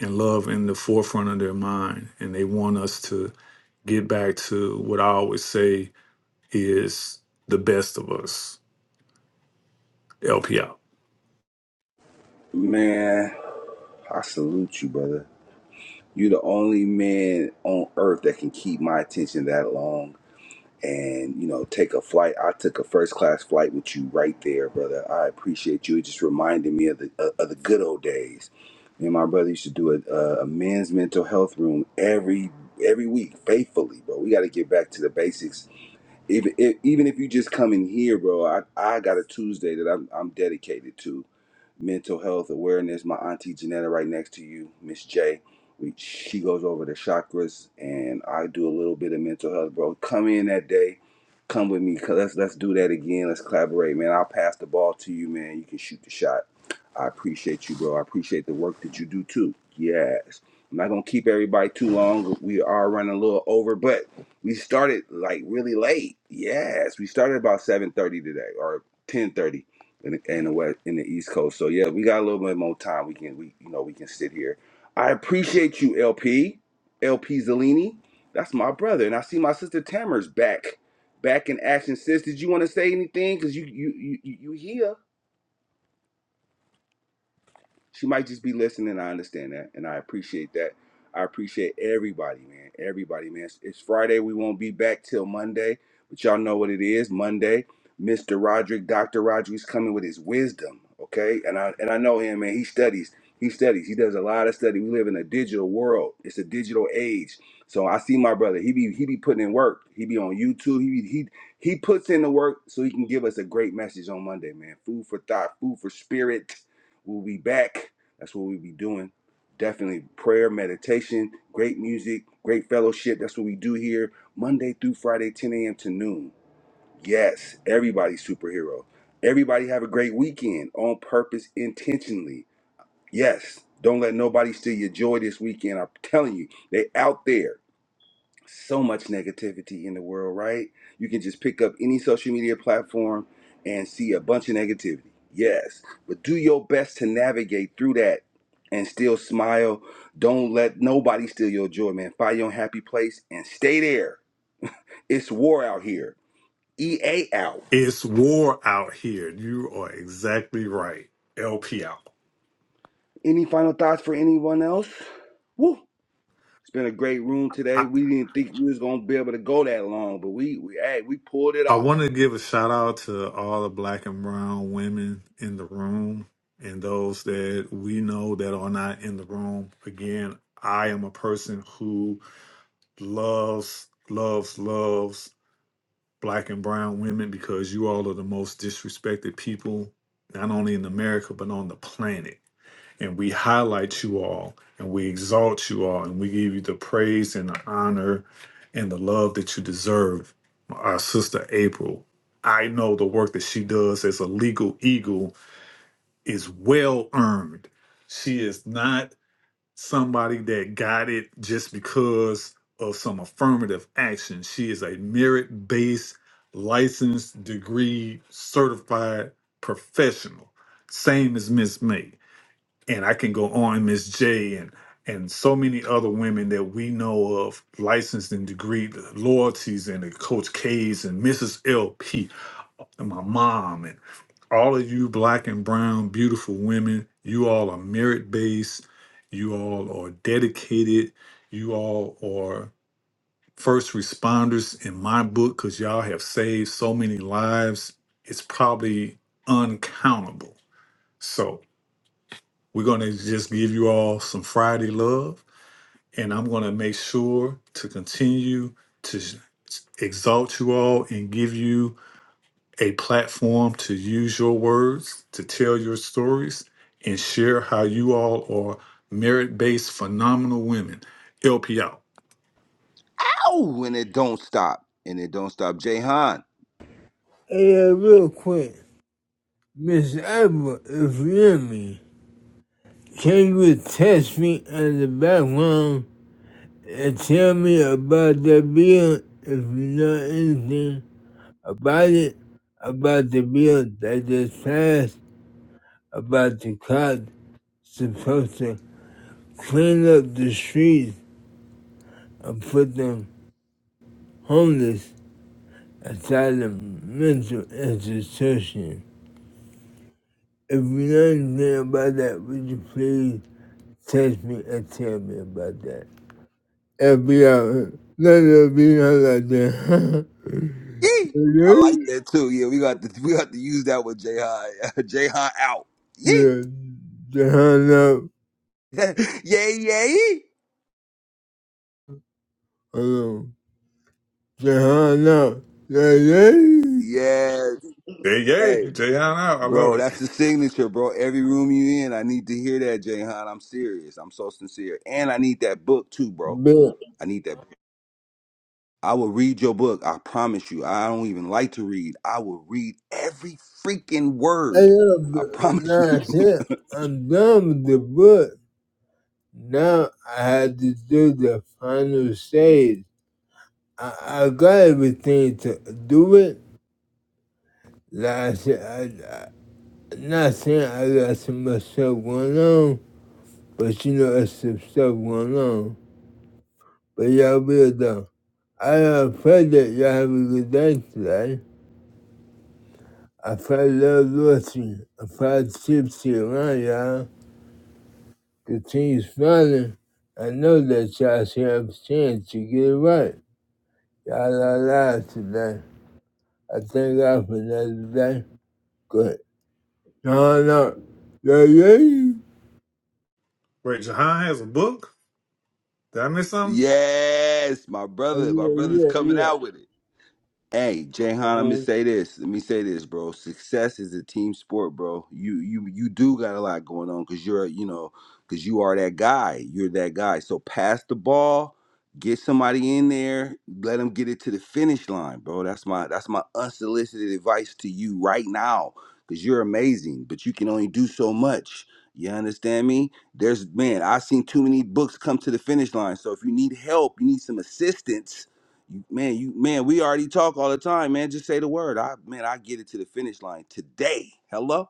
[SPEAKER 7] and love in the forefront of their mind. And they want us to get back to what I always say is the best of us. LP out.
[SPEAKER 2] Man, I salute you, brother. You're the only man on earth that can keep my attention that long. and you know take a flight i took a first class flight with you right there brother i appreciate you it just reminded me of the of of the good old days me and my brother used to do a, a a men's mental health room every every week faithfully bro we got to get back to the basics even if, even if you just come in here bro i i got a tuesday that i'm, I'm dedicated to mental health awareness. My auntie Janetta, right next to you, Miss J. We, she goes over the chakras, and I do a little bit of mental health, bro. Come in that day, come with me, cause let's let's do that again. Let's collaborate, man. I'll pass the ball to you, man. You can shoot the shot. I appreciate you, bro. I appreciate the work that you do too. Yes. I'm not gonna keep everybody too long. We are running a little over, but we started like really late. Yes, we started about 7:30 today or 10:30 in the, in the west in the East Coast. So yeah, we got a little bit more time. We can we you know we can sit here. I appreciate you, LP, LP Zellini. That's my brother, and I see my sister Tamara's back, back in action. Sis, did you want to say anything? Cause you you you you you here she might just be listening. I understand that, and I appreciate that. I appreciate everybody, man. Everybody, man. It's, it's Friday. We won't be back till Monday, but y'all know what it is. Monday, Mr. Roderick, Dr. Roderick's coming with his wisdom, okay? And I and I know him, man. He studies. He studies. He does a lot of study. We live in a digital world. It's a digital age. So I see my brother. He be he be putting in work. He be on YouTube. He be, he he puts in the work so he can give us a great message on Monday, man. Food for thought, food for spirit We'll be back. That's what we'll be doing. Definitely prayer, meditation, great music, great fellowship. That's what we do here Monday through Friday, 10 a.m. to noon. Yes, everybody's superhero. Everybody have a great weekend on purpose, intentionally. Yes, don't let nobody steal your joy this weekend. I'm telling you, they out there so much negativity in the world, right? You can just pick up any social media platform and see a bunch of negativity. Yes, but do your best to navigate through that and still smile. Don't let nobody steal your joy, man. Find your happy place and stay there. It's war out here. EA out.
[SPEAKER 7] It's war out here. You are exactly right. LP out.
[SPEAKER 2] Any final thoughts for anyone else? Woo. It's been a great room today. We didn't think we was gonna be able to go that long, but we, we hey, we pulled it
[SPEAKER 7] I
[SPEAKER 2] off.
[SPEAKER 7] want to give a shout out to all the black and brown women in the room and those that we know that are not in the room. Again, I am a person who loves, loves, loves black and brown women because you all are the most disrespected people, not only in America, but on the planet and we highlight you all and we exalt you all and we give you the praise and the honor and the love that you deserve. Our sister April, I know the work that she does as a legal eagle is well earned. She is not somebody that got it just because of some affirmative action. She is a merit based, licensed, degree, certified professional. Same as Miss May and I can go on Miss J and and so many other women that we know of, licensed and degree loyalties, and the Coach K's and Mrs. LP, and my mom, and all of you black and brown beautiful women. You all are merit based. You all are dedicated. You all are first responders in my book because y'all have saved so many lives. It's probably uncountable. So. We're going to just give you all some Friday love, and I'm going to make sure to continue to exalt you all and give you a platform to use your words, to tell your stories, and share how you all are merit based, phenomenal women. LP out.
[SPEAKER 2] Oh, and it don't stop. And it don't stop. Jayhan.
[SPEAKER 4] Hey, uh, real quick. Miss Apple, if you hear me, can you text me in the background and tell me about the bill if you know anything about it, about the bill that just passed, about the cops supposed to clean up the streets and put them homeless outside the mental institution. If you know anything about that, would you please text me and tell me about that? enviado. La divina la deja.
[SPEAKER 2] Yee. I like that too. Yeah, we got to we got to use that with Jayhan. Jayhan out. Yee.
[SPEAKER 4] Yeah. Jehana.
[SPEAKER 2] yeah, yeah, yee.
[SPEAKER 4] Hello. Jehana. Yeah, yeah.
[SPEAKER 2] Yes.
[SPEAKER 7] Yay,
[SPEAKER 2] Hey.
[SPEAKER 7] yay. Jahan out. I love
[SPEAKER 2] Bro,
[SPEAKER 7] it.
[SPEAKER 2] that's the signature, bro. Every room you in, I need to hear that, Jayhan. I'm serious. I'm so sincere. And I need that book too, bro.
[SPEAKER 4] But
[SPEAKER 2] I need that. I will read your book. I promise you. I don't even like to read. I will read every freaking
[SPEAKER 4] I
[SPEAKER 2] word.
[SPEAKER 4] love
[SPEAKER 2] I promise you.
[SPEAKER 4] that's it. I'm done with the book. Now I had to do the final stage. I, I got everything to do it. Like I said, I, I, not saying I got so much stuff going on, but you know, it's some stuff going on. But y'all weird though. I am afraid that y'all have a good day today. I felt love loyalty. I felt tipsy around y'all. Continue smiling. I know that y'all should have a chance to get it right. Y'all are alive today. I thank God for another day. Good. No, no. Yeah, yeah, yeah.
[SPEAKER 7] Wait, Jahan has a book? Did I miss something?
[SPEAKER 2] Yes, my
[SPEAKER 4] Uh,
[SPEAKER 2] brother, my
[SPEAKER 4] Yeah,
[SPEAKER 2] brother's
[SPEAKER 4] yeah,
[SPEAKER 2] coming
[SPEAKER 4] yeah.
[SPEAKER 2] out with it. Hey, Jayhan, let me
[SPEAKER 7] Oh.
[SPEAKER 2] say this. Let me say this, bro. Success is a team sport, bro. You you you do got a lot going on because you're you know because you are that guy. You're that guy. So pass the ball, get somebody in there, let them get it to the finish line, bro. That's my that's my unsolicited advice to you right now because you're amazing, but you can only do so much. You understand me? There's man, I've seen too many books come to the finish line. So if you need help, you need some assistance you, man, you man, we already talk all the time, man. Just say the word. I man, I get it to the finish line today. Hello?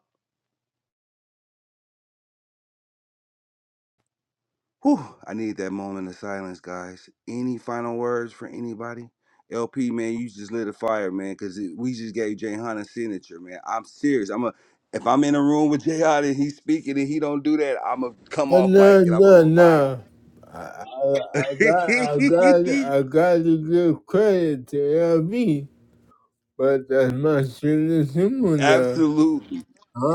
[SPEAKER 2] Whew, I need that moment of silence, guys. Any final words for anybody? LP, man, you just lit a fire, man, because we just gave Jay a signature, man. I'm serious. I'm a if I'm in a room with Jay and he's speaking and he don't do that, I'ma come
[SPEAKER 4] Oh,
[SPEAKER 2] off mic
[SPEAKER 4] no,
[SPEAKER 2] and I'm a
[SPEAKER 4] no,
[SPEAKER 2] reminder.
[SPEAKER 4] no. I, I, I got, I got, I got to give credit to LB. but that's my shit is him now.
[SPEAKER 2] Absolutely.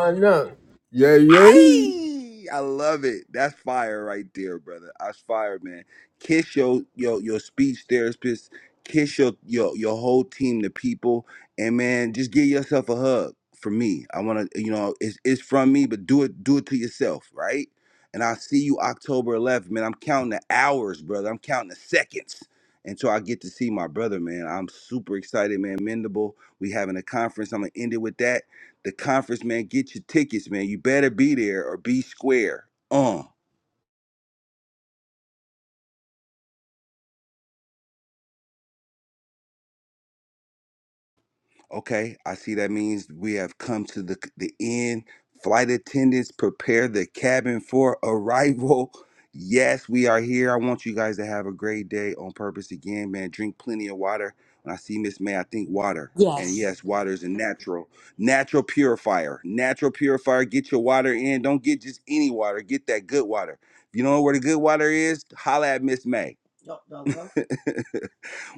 [SPEAKER 4] I know. Yeah, yeah.
[SPEAKER 2] Aye! I love it. That's fire right there, brother. That's fire, man. Kiss your your your speech therapist. Kiss your your your whole team, the people, and man, just give yourself a hug. For me, I want to, you know, it's it's from me, but do it do it to yourself, right? And I'll see you October 11th, man. I'm counting the hours, brother. I'm counting the seconds until I get to see my brother, man. I'm super excited, man. Mendable, we having a conference. I'm gonna end it with that the conference, man. Get your tickets, man. You better be there or be square. Uh, okay. I see that means we have come to the the end. Flight attendants, prepare the cabin for arrival. Yes, we are here. I want you guys to have a great day on purpose again, man. Drink plenty of water. When I see Miss May, I think water. And
[SPEAKER 6] Yes.
[SPEAKER 2] yes, water is a natural, natural purifier. Natural purifier. Get your water in. Don't get just any water. Get that good water. If you don't know where the good water is, holla at Miss May.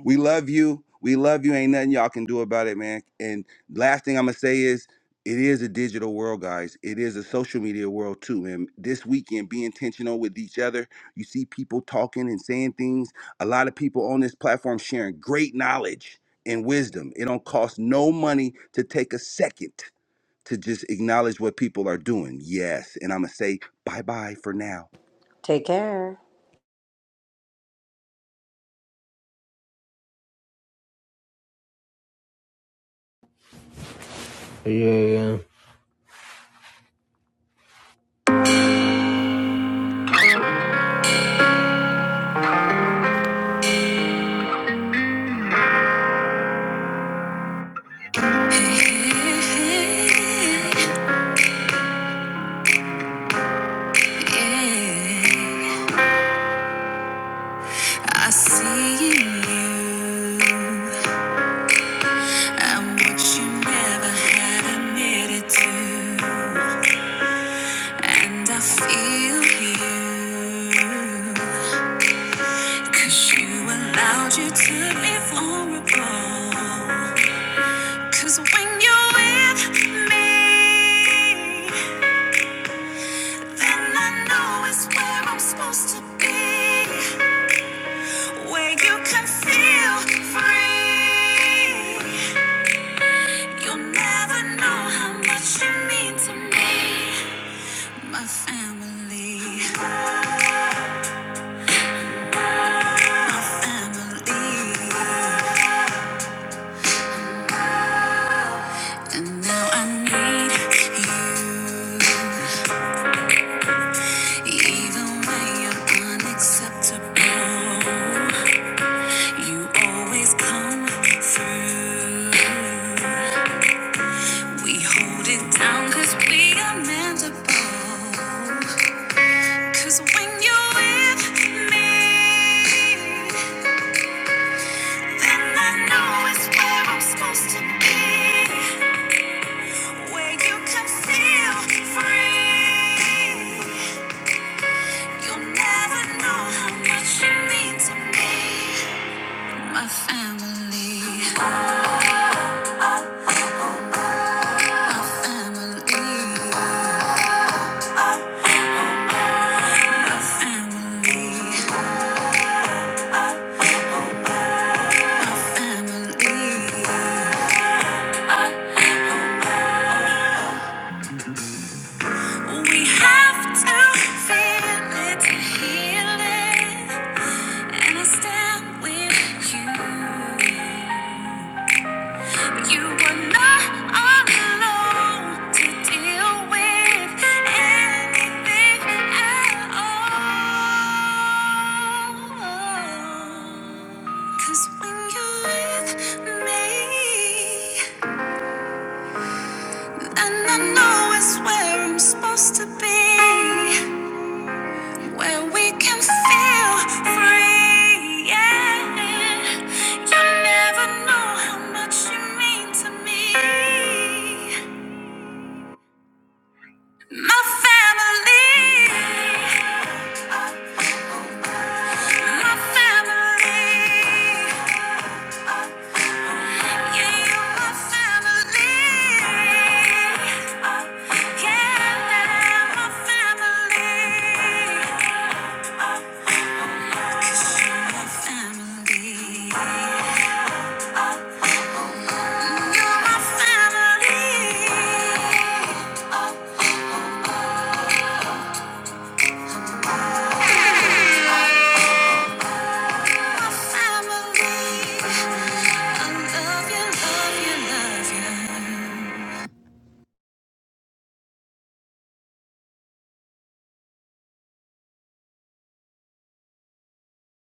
[SPEAKER 2] we love you. We love you. Ain't nothing y'all can do about it, man. And last thing I'm gonna say is, it is a digital world, guys. It is a social media world too. And this weekend, be intentional with each other. You see people talking and saying things. A lot of people on this platform sharing great knowledge and wisdom. It don't cost no money to take a second to just acknowledge what people are doing. Yes. And I'm gonna say bye bye for now.
[SPEAKER 6] Take care.
[SPEAKER 4] Yeah, yeah. I see in you. I'm what you never had admitted to. And I feel you. Cause you allowed you to be vulnerable. Cause when you're with me, And I know it's where I'm supposed to be, where you can feel free. You always come through. We hold it down we are meant when you're with me, then I know it's where I'm supposed to be, where you can feel free. We have to feel it to heal it, and I stand with you. You were not alone to deal with anything at all. 'Cause when you're with me, and I know it's where I'm supposed to be. When we can feel free, yeah. You never know how much you mean to me. My family, my family. You're my family, my family. I love you, love you, love you.